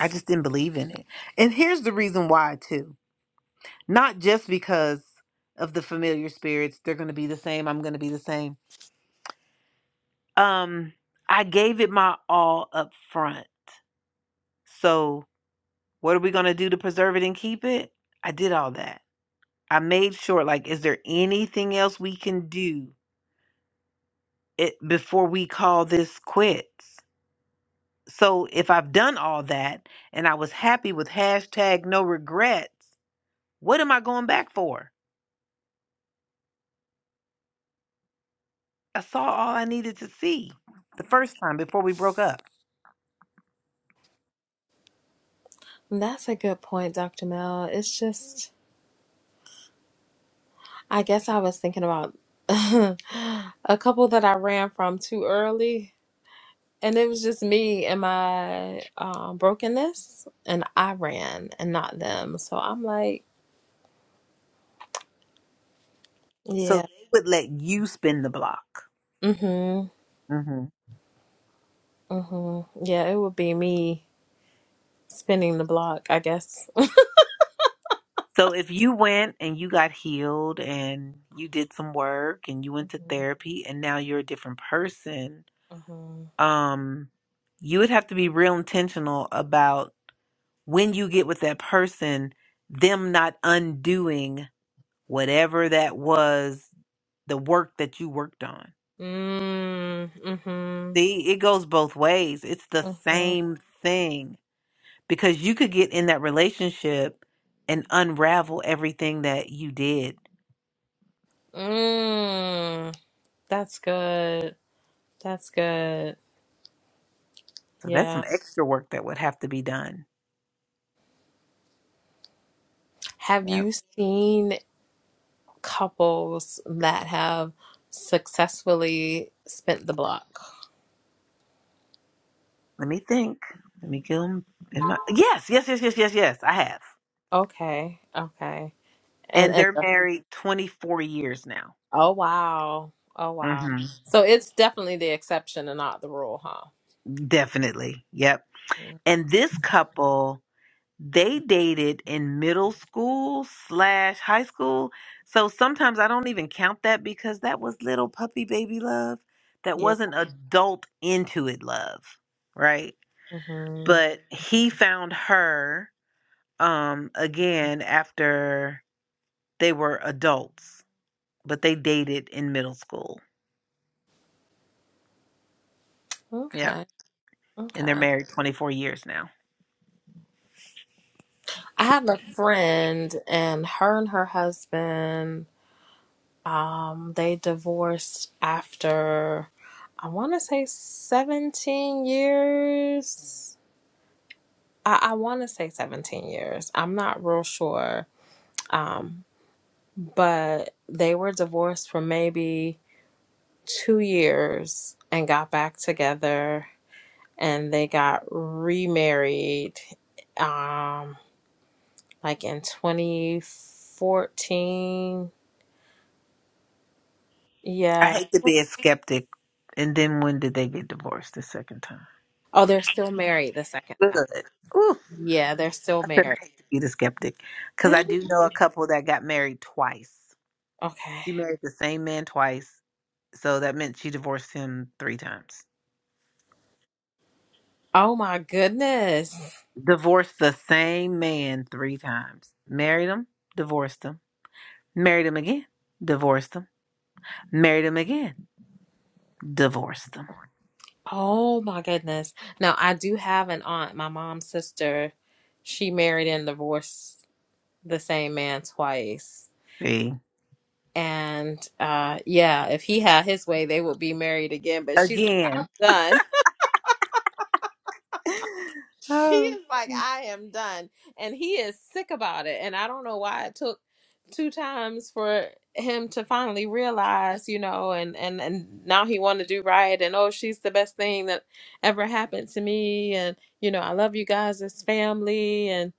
[SPEAKER 1] I just didn't believe in it. And here's the reason why, too. Not just because of the familiar spirits, they're going to be the same, I'm going to be the same. Um, I gave it my all up front. So, what are we going to do to preserve it and keep it? I did all that. I made sure, like, is there anything else we can do it before we call this quits. So if I've done all that and I was happy with hashtag no regrets, what am I going back for? I saw all I needed to see the first time before we broke up.
[SPEAKER 5] That's a good point, Dr. Mel. It's just, I guess I was thinking about a couple that I ran from too early. And it was just me and my um, brokenness, and I ran and not them. So I'm like,
[SPEAKER 1] So
[SPEAKER 5] yeah,
[SPEAKER 1] they would let you spin the block.
[SPEAKER 5] mm-hmm,
[SPEAKER 1] hmm
[SPEAKER 5] mm-hmm. Yeah, it would be me spinning the block, I guess.
[SPEAKER 1] So if you went and you got healed and you did some work and you went to therapy and now you're a different person,
[SPEAKER 5] hmm
[SPEAKER 1] um you would have to be real intentional about when you get with that person them not undoing whatever that was the work that you worked on
[SPEAKER 5] Mm, mhm.
[SPEAKER 1] see it goes both ways it's the
[SPEAKER 5] Mhm.
[SPEAKER 1] same thing because you could get in that relationship and unravel everything that you did
[SPEAKER 5] Mm. That's good. That's good.
[SPEAKER 1] so that's some
[SPEAKER 5] Yeah.
[SPEAKER 1] extra work that would have to be done
[SPEAKER 5] Have
[SPEAKER 1] yeah
[SPEAKER 5] you seen couples that have successfully spent the block?
[SPEAKER 1] let me think let me go in my yes yes yes yes yes yes i have
[SPEAKER 5] Okay. Okay. And
[SPEAKER 1] and
[SPEAKER 5] and
[SPEAKER 1] they're married 24 years now.
[SPEAKER 5] oh wow. Oh wow.
[SPEAKER 1] hmm
[SPEAKER 5] So it's definitely the exception and not the rule, huh?
[SPEAKER 1] Definitely. Yep.
[SPEAKER 5] Mm.
[SPEAKER 1] And this couple, they dated in middle school slash high school. So sometimes I don't even count that because that was little puppy baby love. That
[SPEAKER 5] Yeah.
[SPEAKER 1] wasn't adult into it love. Right.
[SPEAKER 5] hmm
[SPEAKER 1] But he found her um again after they were adults, but they dated in middle school. Yep.
[SPEAKER 5] Okay.
[SPEAKER 1] And they're
[SPEAKER 5] Okay.
[SPEAKER 1] married 24 years now.
[SPEAKER 5] I have a friend, and her and her husband, um, they divorced after, I want to say 17 years. I, I want to say 17 years. I'm not real sure. Um, but they were divorced for maybe two years and got back together, and they got remarried. Um, like in 2014.
[SPEAKER 1] I
[SPEAKER 5] Yeah.
[SPEAKER 1] hate to be a skeptic. And then when did they get divorced the second time?
[SPEAKER 5] Oh, they're still married the second
[SPEAKER 1] Good.
[SPEAKER 5] time.
[SPEAKER 1] Ooh,
[SPEAKER 5] Yeah, they're still married.
[SPEAKER 1] be the skeptic. Because I do know a couple that got married twice.
[SPEAKER 5] Okay.
[SPEAKER 1] She married the same man twice. So that meant she divorced him three times.
[SPEAKER 5] Oh my goodness.
[SPEAKER 1] Divorced the same man three times. Married him, divorced him. Married him again, divorced him. Married him again, divorced him.
[SPEAKER 5] Oh my goodness. Now, I do have an aunt, my mom's sister. She married and divorced the same man twice.
[SPEAKER 1] See?
[SPEAKER 5] And uh yeah, if he had his way, they would be married again. But she's like, I'm
[SPEAKER 1] Again.
[SPEAKER 5] done. She
[SPEAKER 1] Oh.
[SPEAKER 5] is like,
[SPEAKER 1] Mm,
[SPEAKER 5] I am done. And he is sick about it. And I don't know why it took two times for him to finally realize, you know, and and and now he want to do right and oh, she's the best thing that ever happened to me and you know, I love you guys as family and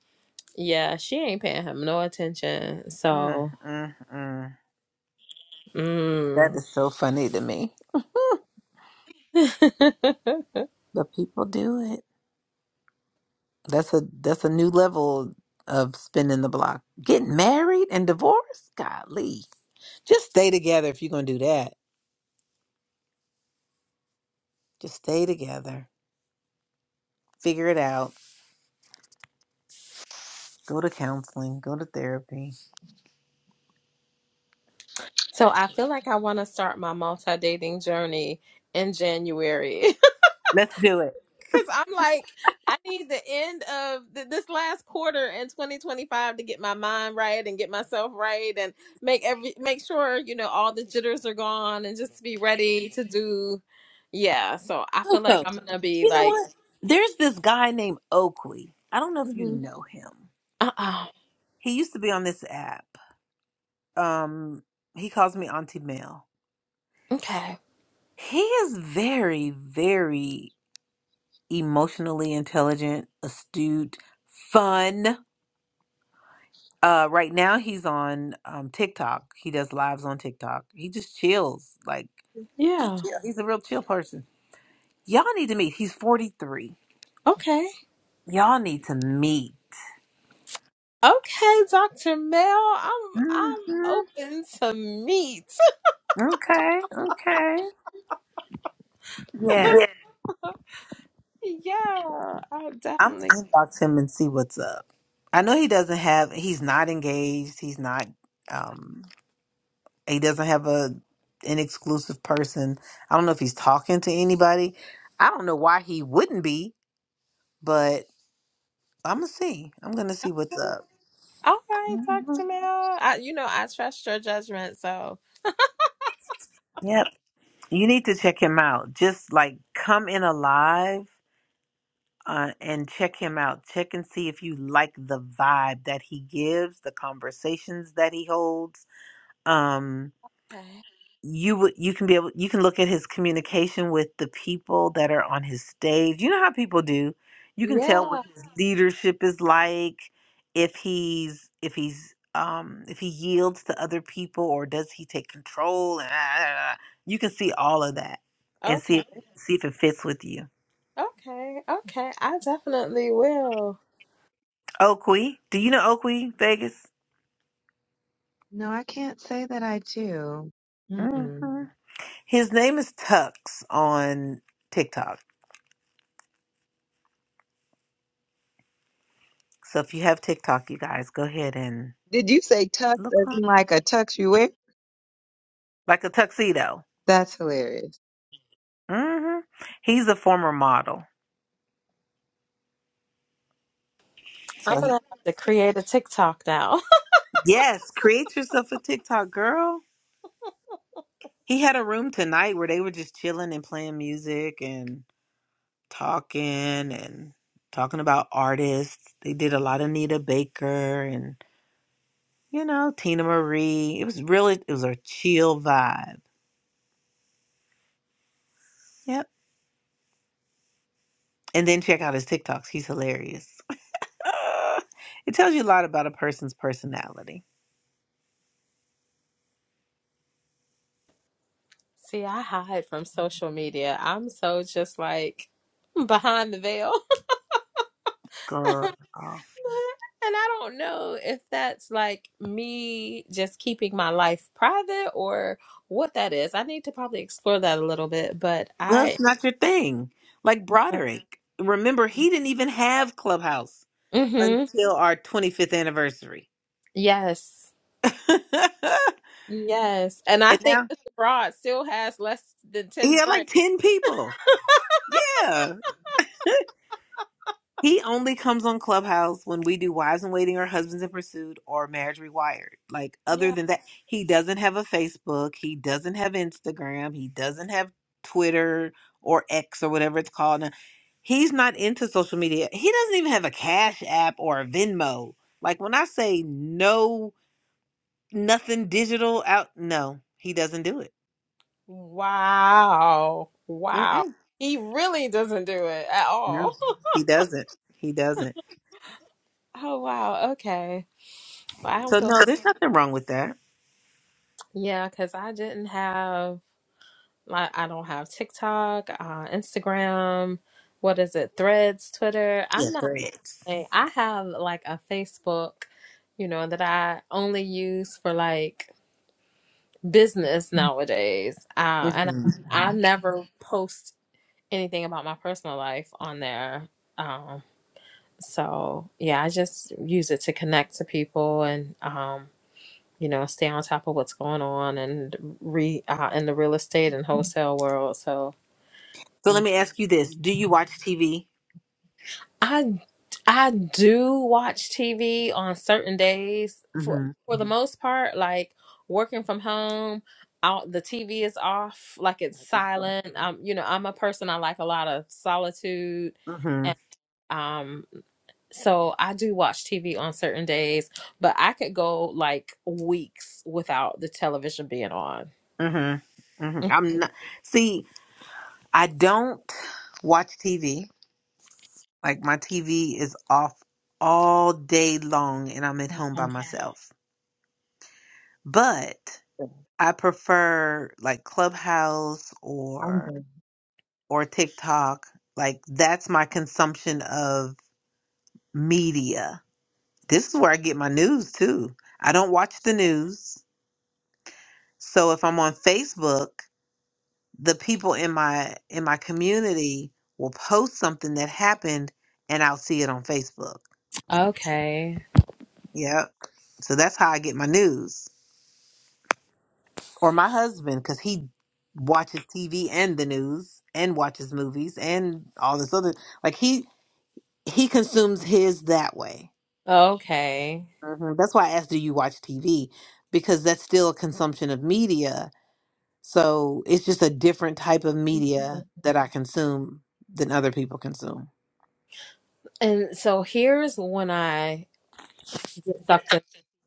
[SPEAKER 5] yeah, she ain't paying him no attention. So,
[SPEAKER 1] mm, mm. That
[SPEAKER 5] mm.
[SPEAKER 1] is so funny to me. But people do it. That's a that's a new level of spinning the block. Getting married and divorced? Golly. Just stay together if you're gonna do that. Just stay together. Figure it out. Go to counseling. Go to therapy.
[SPEAKER 5] so I feel like I want to start my multi-dating journey in January.
[SPEAKER 1] Let's do it.
[SPEAKER 5] Cause I'm like, I need the end of th- this last quarter in 2025 to get my mind right and get myself right and make every make sure you know all the jitters are gone and just be ready to do. Yeah, so I feel like
[SPEAKER 1] Oh,
[SPEAKER 5] I'm gonna be
[SPEAKER 1] you know
[SPEAKER 5] like,
[SPEAKER 1] what? There's this guy named Oakley. I don't know if you
[SPEAKER 5] uh
[SPEAKER 1] know him.
[SPEAKER 5] uh
[SPEAKER 1] He used to be on this app. Um, he calls me Auntie Mel.
[SPEAKER 5] okay,
[SPEAKER 1] He is very, very emotionally intelligent, astute, fun. Uh, right now he's on um, TikTok. He does lives on TikTok. He just chills. Like just
[SPEAKER 5] yeah,
[SPEAKER 1] chill. he's a real chill person. Y'all need to meet. He's 43.
[SPEAKER 5] okay,
[SPEAKER 1] Y'all need to meet.
[SPEAKER 5] okay, Doctor Mel, I'm
[SPEAKER 1] hmm
[SPEAKER 5] I'm open to meet.
[SPEAKER 1] Okay. Okay. Yeah.
[SPEAKER 5] yeah, I
[SPEAKER 1] I'm
[SPEAKER 5] definitely.
[SPEAKER 1] gonna inbox him and see what's up. I know he doesn't have he's not engaged. He's not um He doesn't have a an exclusive person. I don't know if he's talking to anybody. I don't know why he wouldn't be, but I'm gonna see. I'm gonna see what's up.
[SPEAKER 5] All right,
[SPEAKER 1] Mhm.
[SPEAKER 5] Dr. Mel. I, you know, I trust your judgment, so
[SPEAKER 1] Yep, you need to check him out. Just like come in alive uh, and check him out. Check and see if you like the vibe that he gives, the conversations that he holds. Um,
[SPEAKER 5] okay.
[SPEAKER 1] you would you can be able you can look at his communication with the people that are on his stage. You know how people do. You can tell what
[SPEAKER 5] Yeah.
[SPEAKER 1] his leadership is like, if he's if he's um if he yields to other people or does he take control and ah, ah, ah. you can see all of that and see
[SPEAKER 5] Okay.
[SPEAKER 1] if, see if it fits with you.
[SPEAKER 5] Okay. Okay. I definitely will.
[SPEAKER 1] Oakley, do you know Oakley Vegas?
[SPEAKER 7] No, I can't say that I do. Mm-mm.
[SPEAKER 1] hmm His name is Tux on TikTok. So if you have TikTok, you guys go ahead and
[SPEAKER 7] Did you say tux
[SPEAKER 1] look
[SPEAKER 7] as
[SPEAKER 1] on.
[SPEAKER 7] in like a tux you wear?
[SPEAKER 1] like a tuxedo.
[SPEAKER 7] That's hilarious.
[SPEAKER 1] hmm He's a former model. So
[SPEAKER 5] I'm
[SPEAKER 1] he,
[SPEAKER 5] gonna have to create a TikTok now.
[SPEAKER 1] yes, create yourself a TikTok girl. He had a room tonight where they were just chilling and playing music and talking and talking about artists. They did a lot of Nita Baker and you know Tina Marie. It was really it was a chill vibe. Yep. And then check out his TikToks. He's hilarious. it tells you a lot about a person's personality.
[SPEAKER 5] See, I hide from social media. I'm so just like behind the veil.
[SPEAKER 1] Girl.
[SPEAKER 5] And I don't know if that's like me just keeping my life private or what that is. I need to probably explore that a little bit, but I
[SPEAKER 1] That's not your thing. Like Broderick. Remember, he didn't even have Clubhouse
[SPEAKER 5] Mhm.
[SPEAKER 1] until our 25th anniversary.
[SPEAKER 5] Yes.
[SPEAKER 1] and
[SPEAKER 5] Yes. And I think
[SPEAKER 1] now
[SPEAKER 5] Mr. Broad still has less than
[SPEAKER 1] he
[SPEAKER 5] 10
[SPEAKER 1] had
[SPEAKER 5] friends.
[SPEAKER 1] like 10 people. Yeah. He only comes on Clubhouse when we do Wives in Waiting or Husbands in Pursuit or Marriage Rewired. Like, other
[SPEAKER 5] Yeah.
[SPEAKER 1] than that, he doesn't have a Facebook. He doesn't have Instagram. He doesn't have Twitter or X or whatever it's called. Now. He's not into social media. He doesn't even have a Cash App or a Venmo. Like, when I say no, nothing digital out, no, he doesn't do it.
[SPEAKER 5] Wow. Wow.
[SPEAKER 1] Mm-mm.
[SPEAKER 5] He really doesn't do it at
[SPEAKER 1] No,
[SPEAKER 5] all.
[SPEAKER 1] he doesn't. He doesn't.
[SPEAKER 5] Oh, wow. Okay. Well, I don't
[SPEAKER 1] So,
[SPEAKER 5] feel.
[SPEAKER 1] no, there's nothing wrong with that.
[SPEAKER 5] Yeah, because I didn't have, like, I don't have TikTok, uh, Instagram. What is it? Threads, Twitter.
[SPEAKER 1] Yeah,
[SPEAKER 5] I'm not,
[SPEAKER 1] threads.
[SPEAKER 5] I have like a Facebook, you know, that I only use for like business nowadays. Uh, and I, I never post anything about my personal life on there. Um, so yeah, I just use it to connect to people and um, you know stay on top of what's going on and re uh, in the real estate and wholesale world. So
[SPEAKER 1] So
[SPEAKER 5] mm.
[SPEAKER 1] let me ask you this: Do you watch TV?
[SPEAKER 5] I I do watch TV on certain days for
[SPEAKER 1] mm
[SPEAKER 5] for the most part like working from home out the TV is off like it's silent um you know I'm a person I like a lot of solitude
[SPEAKER 1] Mhm. mm
[SPEAKER 5] and um so I do watch TV on certain days but I could go like weeks without the television being on
[SPEAKER 1] mm Mhm. mm Mhm. Mhm. I'm not. See, I don't watch TV. Like my TV is off all day long, and I'm at home by
[SPEAKER 5] okay
[SPEAKER 1] myself. But I prefer like Clubhouse
[SPEAKER 7] I'm
[SPEAKER 1] or
[SPEAKER 7] done.
[SPEAKER 1] or TikTok. Like that's my consumption of media. This is where I get my news too. I don't watch the news. So if I'm on Facebook. the people in my in my community will post something that happened and I'll see it on Facebook.
[SPEAKER 5] okay
[SPEAKER 1] Yep. So that's how I get my news. Or my husband cuz he watches TV and the news and watches movies and all this other like he he consumes his that way.
[SPEAKER 5] okay
[SPEAKER 1] Mhm. That's why I asked do you watch TV because that's still a consumption of media. So it's just a different type of media that I consume than other people consume.
[SPEAKER 5] and so here's when I get sucked into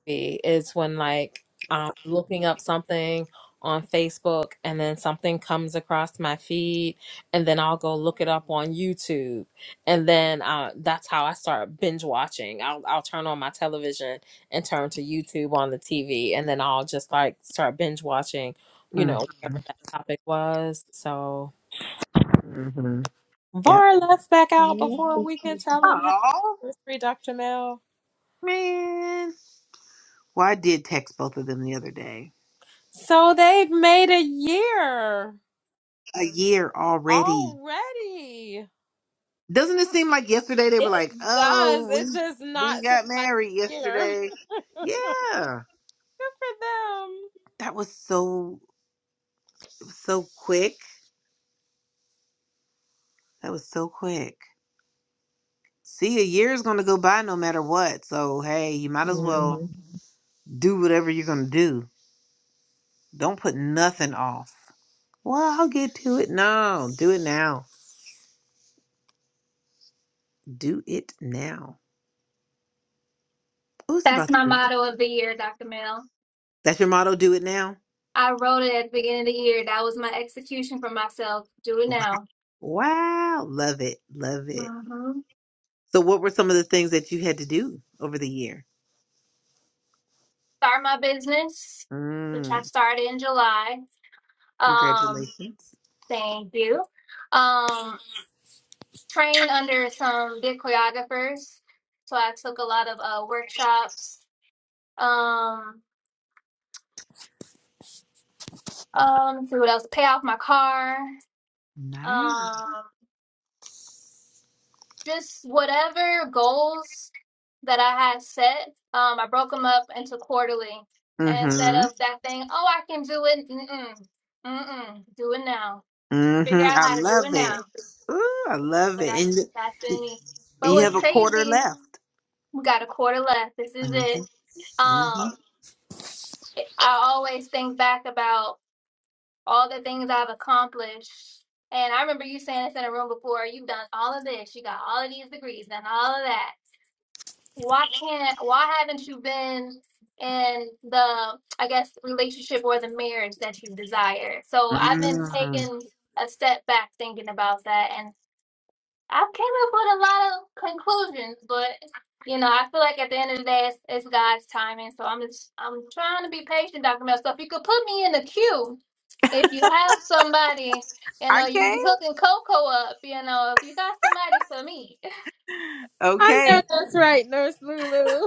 [SPEAKER 5] TV is when like I'm looking up something on Facebook and then something comes across my feed and then I'll go look it up on YouTube and then uh, that's how I start binge watching. I'll I'll turn on my television and turn to YouTube on the TV and then I'll just like start binge watching, you
[SPEAKER 1] Mm.
[SPEAKER 5] know, whatever that topic was. So
[SPEAKER 1] hmm Yep.
[SPEAKER 5] Var left back out
[SPEAKER 7] Mm-hmm.
[SPEAKER 5] before we can tell him happy
[SPEAKER 1] Oh
[SPEAKER 5] anniversary, Dr. Mel.
[SPEAKER 1] man. Well, I did text both of them the other day.
[SPEAKER 5] So they've made a year.
[SPEAKER 1] A year already.
[SPEAKER 5] Already.
[SPEAKER 1] Doesn't it seem like yesterday they were
[SPEAKER 5] It
[SPEAKER 1] like,
[SPEAKER 5] does.
[SPEAKER 1] "Oh, we
[SPEAKER 5] It does
[SPEAKER 1] we
[SPEAKER 5] not seem
[SPEAKER 1] got
[SPEAKER 5] like
[SPEAKER 1] married
[SPEAKER 5] a year.
[SPEAKER 1] yesterday."
[SPEAKER 5] Good
[SPEAKER 1] Yeah.
[SPEAKER 5] for them.
[SPEAKER 1] That was so so quick. That was so quick. See, a year is going to go by no matter what. So, hey, you might as well Mhm. do whatever you're going to do. Don't put nothing off. Well, I'll get to it. No, do it now. Do it now. Who's about
[SPEAKER 10] That's my
[SPEAKER 1] to?
[SPEAKER 10] motto of the year, Dr. Mel.
[SPEAKER 1] That's your motto. Do it now.
[SPEAKER 10] I wrote it at the beginning of the year. That was my execution for myself. Do it
[SPEAKER 1] Wow,
[SPEAKER 10] now.
[SPEAKER 1] Wow. love it, love it.
[SPEAKER 10] hmm
[SPEAKER 1] So, what were some of the things that you had to do over the year?
[SPEAKER 10] Start my business, which I
[SPEAKER 1] Mm,
[SPEAKER 10] started in July. Um,
[SPEAKER 1] congratulations.
[SPEAKER 10] thank you. Um, train under some big choreographers. So I took a lot of uh, workshops. Um, um, let's see what else. Pay off my car.
[SPEAKER 1] Nice.
[SPEAKER 10] Um, just whatever goals that I had set, um, I broke them up into quarterly. And instead
[SPEAKER 1] Mm-hmm.
[SPEAKER 10] of that thing, oh, I can do it. Mm-mm, mm-mm, do it now. Figure
[SPEAKER 1] Mm-hmm.
[SPEAKER 10] out
[SPEAKER 1] I
[SPEAKER 10] how to do it
[SPEAKER 1] love it.
[SPEAKER 10] now.
[SPEAKER 1] Ooh, I love
[SPEAKER 10] But
[SPEAKER 1] it.
[SPEAKER 10] that's
[SPEAKER 1] And
[SPEAKER 10] that's been me. But
[SPEAKER 1] and you
[SPEAKER 10] what's
[SPEAKER 1] have a quarter
[SPEAKER 10] crazy?
[SPEAKER 1] left.
[SPEAKER 10] We got a quarter left. This is it.
[SPEAKER 1] Mm-hmm. Mm-hmm.
[SPEAKER 10] Um, I always think back about all the things I've accomplished. And I remember you saying this in a room before. You've done all of this. You got all of these degrees and all of that why can't why haven't you been in the i guess relationship or the marriage that you desire so i've been
[SPEAKER 1] Mm.
[SPEAKER 10] taking a step back thinking about that and i came up with a lot of conclusions but you know i feel like at the end of the day it's, it's god's timing so i'm just i'm trying to be patient dr mel so if you could put me in the queue if you have somebody you know you
[SPEAKER 1] Okay.
[SPEAKER 10] you hooking coco up you know if you got somebody for me
[SPEAKER 5] I know
[SPEAKER 1] Okay.
[SPEAKER 5] that's right, Nurse Lulu.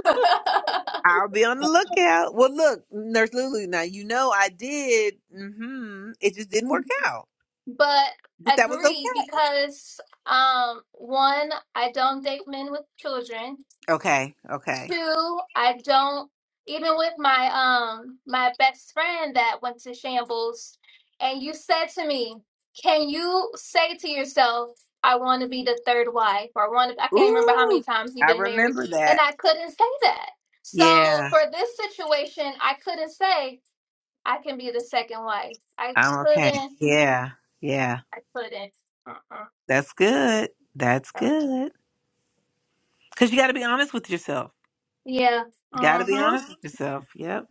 [SPEAKER 1] I'll be on the lookout. Well, look, Nurse Lulu. Now you know I did. Mm-hmm. It just didn't work out,
[SPEAKER 10] but
[SPEAKER 1] but that was okay.
[SPEAKER 10] agree because um one i don't date men with children
[SPEAKER 1] Okay, okay.
[SPEAKER 10] two i don't even with my um my best friend that went to shambles and you said to me can you say to yourself i want to be the third wife or one i can't remember how many
[SPEAKER 1] Ooh,
[SPEAKER 10] times you've
[SPEAKER 1] I
[SPEAKER 10] been married
[SPEAKER 1] remember
[SPEAKER 10] and
[SPEAKER 1] that.
[SPEAKER 10] i couldn't say that so
[SPEAKER 1] Yeah,
[SPEAKER 10] for this situation i couldn't say i can be the second wife i
[SPEAKER 1] I'm okay.
[SPEAKER 10] couldn't
[SPEAKER 1] Yeah, yeah.
[SPEAKER 10] i couldn't uh-uh.
[SPEAKER 1] That's good. That's good. Because you got to be honest with yourself.
[SPEAKER 10] Yeah.
[SPEAKER 1] Got to be
[SPEAKER 10] Mm-hmm.
[SPEAKER 1] honest with yourself. Yep.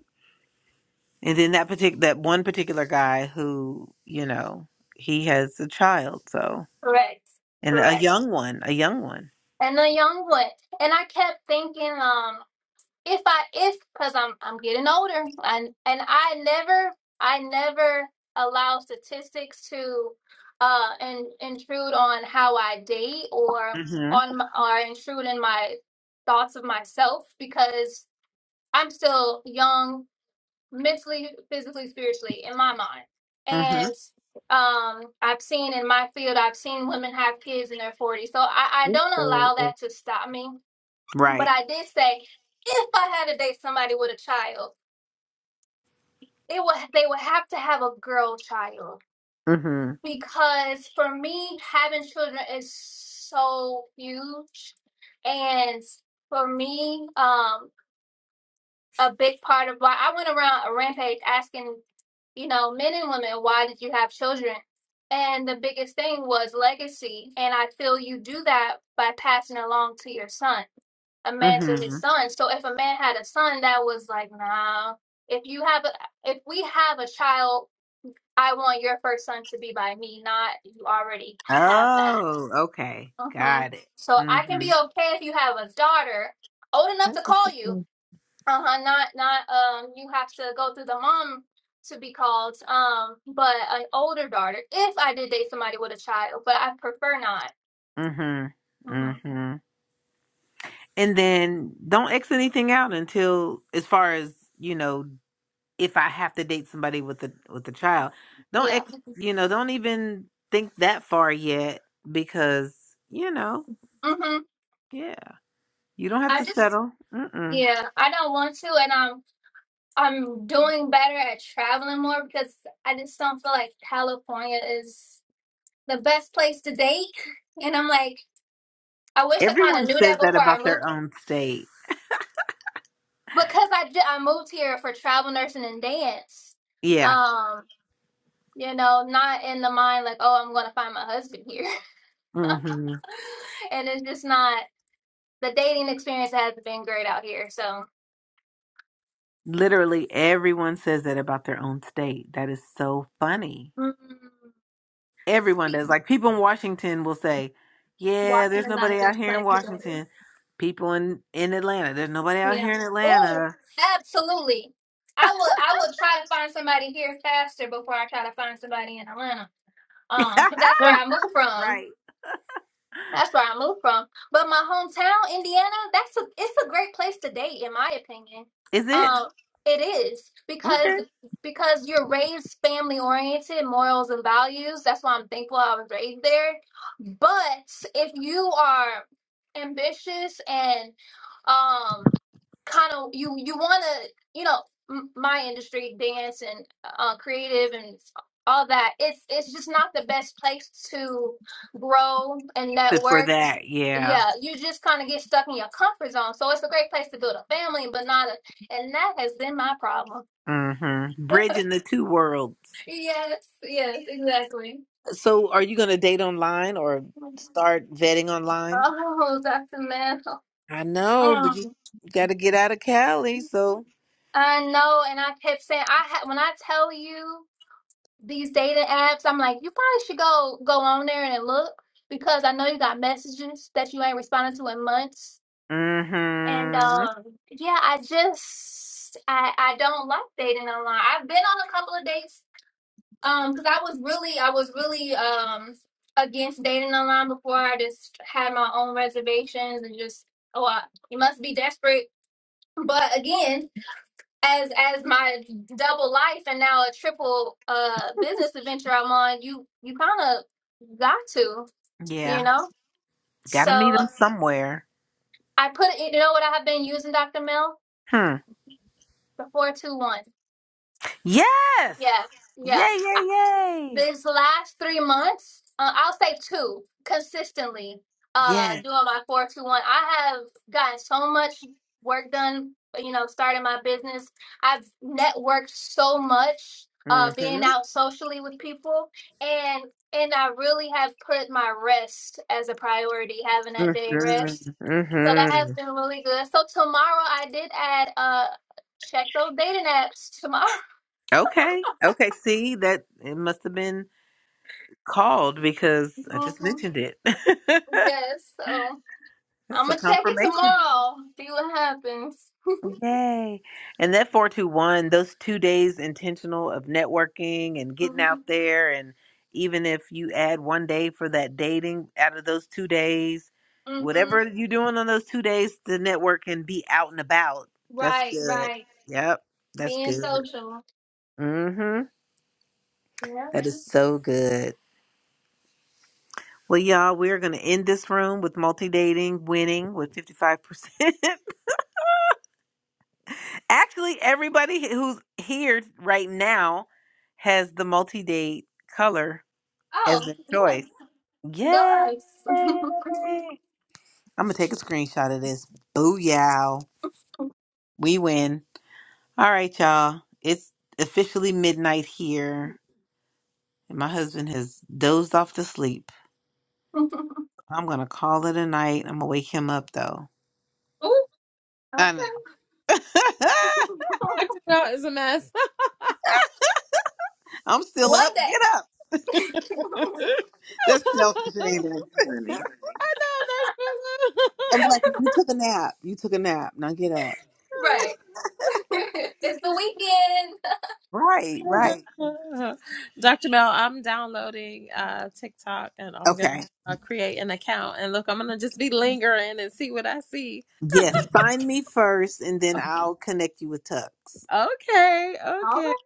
[SPEAKER 1] And then that particular that one particular guy who you know he has a child, so
[SPEAKER 10] Correct.
[SPEAKER 1] and a
[SPEAKER 10] Correct.
[SPEAKER 1] young one, a young one.
[SPEAKER 10] And a young one. And I kept thinking, um, if I if because I'm I'm getting older and and I never I never allow statistics to uh in, intrude on how I date or
[SPEAKER 1] hmm
[SPEAKER 10] on my, or intrude in my thoughts of myself because I'm still young mentally, physically, spiritually, in my mind.
[SPEAKER 1] hmm
[SPEAKER 10] And um, I've seen in my field, I've seen women have kids in their 40s. So I, I
[SPEAKER 7] This
[SPEAKER 10] don't
[SPEAKER 7] thing
[SPEAKER 10] allow
[SPEAKER 7] is
[SPEAKER 10] that to stop me. But
[SPEAKER 1] Right.
[SPEAKER 10] I did say, if I had to date somebody with a child, it would they would have to have a girl child
[SPEAKER 1] hmm
[SPEAKER 10] because for me, having children is so huge. And for me, um, a big part of why I went around a rampage asking, you know, men and women, why did you have children? And the biggest thing was legacy. And I feel you do that by passing along to your son, a man to
[SPEAKER 1] hmm
[SPEAKER 10] his son. So if a man had a son that was like, nah, if you have a, if we have a child, I want your first son to be by me, not you already have that.
[SPEAKER 1] Oh, okay.
[SPEAKER 10] hmm
[SPEAKER 1] Got it.
[SPEAKER 10] So I can
[SPEAKER 1] hmm
[SPEAKER 10] be okay if you have a daughter old enough to call you, uh-huh not not um you have to go through the mom to be called um but an older daughter if i did date somebody with a child but i prefer not
[SPEAKER 1] hmm
[SPEAKER 10] hmm
[SPEAKER 1] hmm And then don't X anything out until, as far as you know, if I have to date somebody with a with a child, don't
[SPEAKER 10] yeah
[SPEAKER 1] X, you know, don't even think that far yet because you know,
[SPEAKER 10] hmm
[SPEAKER 1] yeah, you don't have
[SPEAKER 10] i
[SPEAKER 1] to
[SPEAKER 10] just
[SPEAKER 1] settle. Mm-mm.
[SPEAKER 10] yeah i don't want to and i'm i'm doing better at traveling more because i just don't feel like california is the best place to date and i'm like i wish i kind
[SPEAKER 1] Everyone
[SPEAKER 10] of knew
[SPEAKER 1] says
[SPEAKER 10] that
[SPEAKER 1] that
[SPEAKER 10] before i
[SPEAKER 1] about
[SPEAKER 10] moved
[SPEAKER 1] their own state.
[SPEAKER 10] because i did i moved here for travel nursing and dance
[SPEAKER 1] Yeah.
[SPEAKER 10] um you know, not in the mind like, oh, I'm going to find my husband here.
[SPEAKER 1] hmm
[SPEAKER 10] and it's just not, the dating experience has been great out here. So,
[SPEAKER 1] Literally, everyone says that about their own state. That is so funny.
[SPEAKER 10] mm,
[SPEAKER 1] Everyone
[SPEAKER 10] speak,
[SPEAKER 1] does. Like people in Washington will say, "Yeah, there's
[SPEAKER 10] Washington's not a
[SPEAKER 1] nobody
[SPEAKER 10] good
[SPEAKER 1] out here in
[SPEAKER 10] place to go.
[SPEAKER 1] Washington." People in in Atlanta, there's nobody out
[SPEAKER 10] Yeah.
[SPEAKER 1] here in
[SPEAKER 10] Oh,
[SPEAKER 1] Atlanta.
[SPEAKER 10] absolutely. I will, I will try to find somebody here faster before I try to find somebody in Atlanta. Um, 'cause that's where I moved from.
[SPEAKER 1] Right.
[SPEAKER 10] That's where I moved from. But my hometown, Indiana, that's a it's a great place to date, in my opinion.
[SPEAKER 1] Is it
[SPEAKER 10] Um, it is because
[SPEAKER 1] okay
[SPEAKER 10] because you're raised family oriented, morals and values. That's why I'm thankful I was raised there. But if you are ambitious and um kind of you you want to you know m- my industry dance and uh, creative and all that it's it's just not the best place to grow and
[SPEAKER 1] Good for
[SPEAKER 10] network
[SPEAKER 1] that? Yeah.
[SPEAKER 10] yeah you just kind of get stuck in your comfort zone so it's a great place to build a family but not a and that has been my problem
[SPEAKER 1] Mm-hmm. Bridging the two worlds.
[SPEAKER 10] yes yes exactly
[SPEAKER 1] So, are you going to date online or start vetting online?
[SPEAKER 10] oh dr mel
[SPEAKER 1] I know, but you
[SPEAKER 10] um,
[SPEAKER 1] got to get out of Cali. So,
[SPEAKER 10] i know and i kept saying i had when i tell you these dating apps, I'm like, you probably should go go on there and look because I know you got messages that you ain't responded to in months. And
[SPEAKER 1] mm-hmm.
[SPEAKER 10] um, yeah, I just I I don't like dating online. I've been on a couple of dates um because I was really I was really um against dating online before. I just had my own reservations and just oh I, you must be desperate. But again as as my double life and now a triple uh business adventure I'm on, you you kind of got to, you
[SPEAKER 1] Yeah,
[SPEAKER 10] know.
[SPEAKER 1] got
[SPEAKER 10] So
[SPEAKER 1] to meet him somewhere.
[SPEAKER 10] I put you know what I have been using, Dr. Mill
[SPEAKER 1] Hmm.
[SPEAKER 10] the four two one.
[SPEAKER 1] Yes.
[SPEAKER 10] Yeah,
[SPEAKER 1] Yay!
[SPEAKER 10] yeah.
[SPEAKER 1] Yay! Yay!
[SPEAKER 10] this last three months, uh, I'll say two consistently, uh,
[SPEAKER 1] Yes.
[SPEAKER 10] doing my 421. I have gotten so much work done, you know, starting my business. I've networked so much, uh, being
[SPEAKER 1] Mm-hmm.
[SPEAKER 10] out socially with people and and I really have put my rest as a priority, having that day rest.
[SPEAKER 1] Mm-hmm.
[SPEAKER 10] So that has
[SPEAKER 1] Mm-hmm.
[SPEAKER 10] been really good. So tomorrow I did add uh check those dating apps tomorrow.
[SPEAKER 1] Okay. Okay. See that it must have been called because I just
[SPEAKER 10] Mhm.
[SPEAKER 1] mentioned it.
[SPEAKER 10] Yes, so.
[SPEAKER 1] it's
[SPEAKER 10] I'm
[SPEAKER 1] a
[SPEAKER 10] gonna check it
[SPEAKER 1] confirmation.
[SPEAKER 10] tomorrow. See what happens.
[SPEAKER 1] Yay. And that 421, those two days intentional of networking and getting out
[SPEAKER 10] Mhm.
[SPEAKER 1] there. And even if you add one day for that dating out of those two days,
[SPEAKER 10] Mhm.
[SPEAKER 1] whatever you're doing on those two days to network and be out and about, that's
[SPEAKER 10] Right.
[SPEAKER 1] good.
[SPEAKER 10] Right.
[SPEAKER 1] Yep. That's
[SPEAKER 10] Being
[SPEAKER 1] good.
[SPEAKER 10] social.
[SPEAKER 1] Mm-hmm.
[SPEAKER 10] Yeah.
[SPEAKER 1] That is so good. Well, y'all, we're going to end this room with multi dating winning with 55%. Actually, everybody who's here right now has the multi date color as
[SPEAKER 10] Oh,
[SPEAKER 1] their
[SPEAKER 10] yeah.
[SPEAKER 1] choice.
[SPEAKER 10] Go
[SPEAKER 1] Yay!
[SPEAKER 10] us.
[SPEAKER 1] I'm going to take a screenshot of this. Booyah. We win. All right, y'all. It's officially midnight here, and my husband has dozed off to sleep.
[SPEAKER 10] Ooh,
[SPEAKER 1] I'm going to call it a night. I'm going to wake him up, though. I know.
[SPEAKER 10] okay.
[SPEAKER 5] I do know it's a mess.
[SPEAKER 1] I'm still
[SPEAKER 10] One
[SPEAKER 1] up.
[SPEAKER 10] day.
[SPEAKER 1] Get up. That's selfish,
[SPEAKER 5] I
[SPEAKER 1] ain't
[SPEAKER 7] that's
[SPEAKER 1] it?
[SPEAKER 7] funny.
[SPEAKER 5] know, Nurse Lulu.
[SPEAKER 1] I'm like, you took a nap. You took a nap. Now get up.
[SPEAKER 10] right. it's the weekend.
[SPEAKER 1] Right, right.
[SPEAKER 5] Dr. Mel, I'm downloading uh, TikTok and I'm going to
[SPEAKER 1] Okay.
[SPEAKER 5] uh, create an account. And look, I'm going to just be lingering and see what I see.
[SPEAKER 1] Yes. Find me first, and then
[SPEAKER 5] Okay,
[SPEAKER 1] I'll connect you with Tux.
[SPEAKER 10] All
[SPEAKER 5] okay.
[SPEAKER 10] right.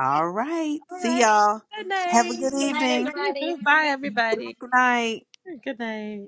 [SPEAKER 1] All right.
[SPEAKER 5] All
[SPEAKER 1] See
[SPEAKER 5] right.
[SPEAKER 1] y'all.
[SPEAKER 5] Good
[SPEAKER 1] Have
[SPEAKER 5] night.
[SPEAKER 1] a good
[SPEAKER 10] Good night,
[SPEAKER 1] evening.
[SPEAKER 10] everybody.
[SPEAKER 5] Bye,
[SPEAKER 1] Good night.
[SPEAKER 5] everybody.
[SPEAKER 1] Good night.
[SPEAKER 5] Good night.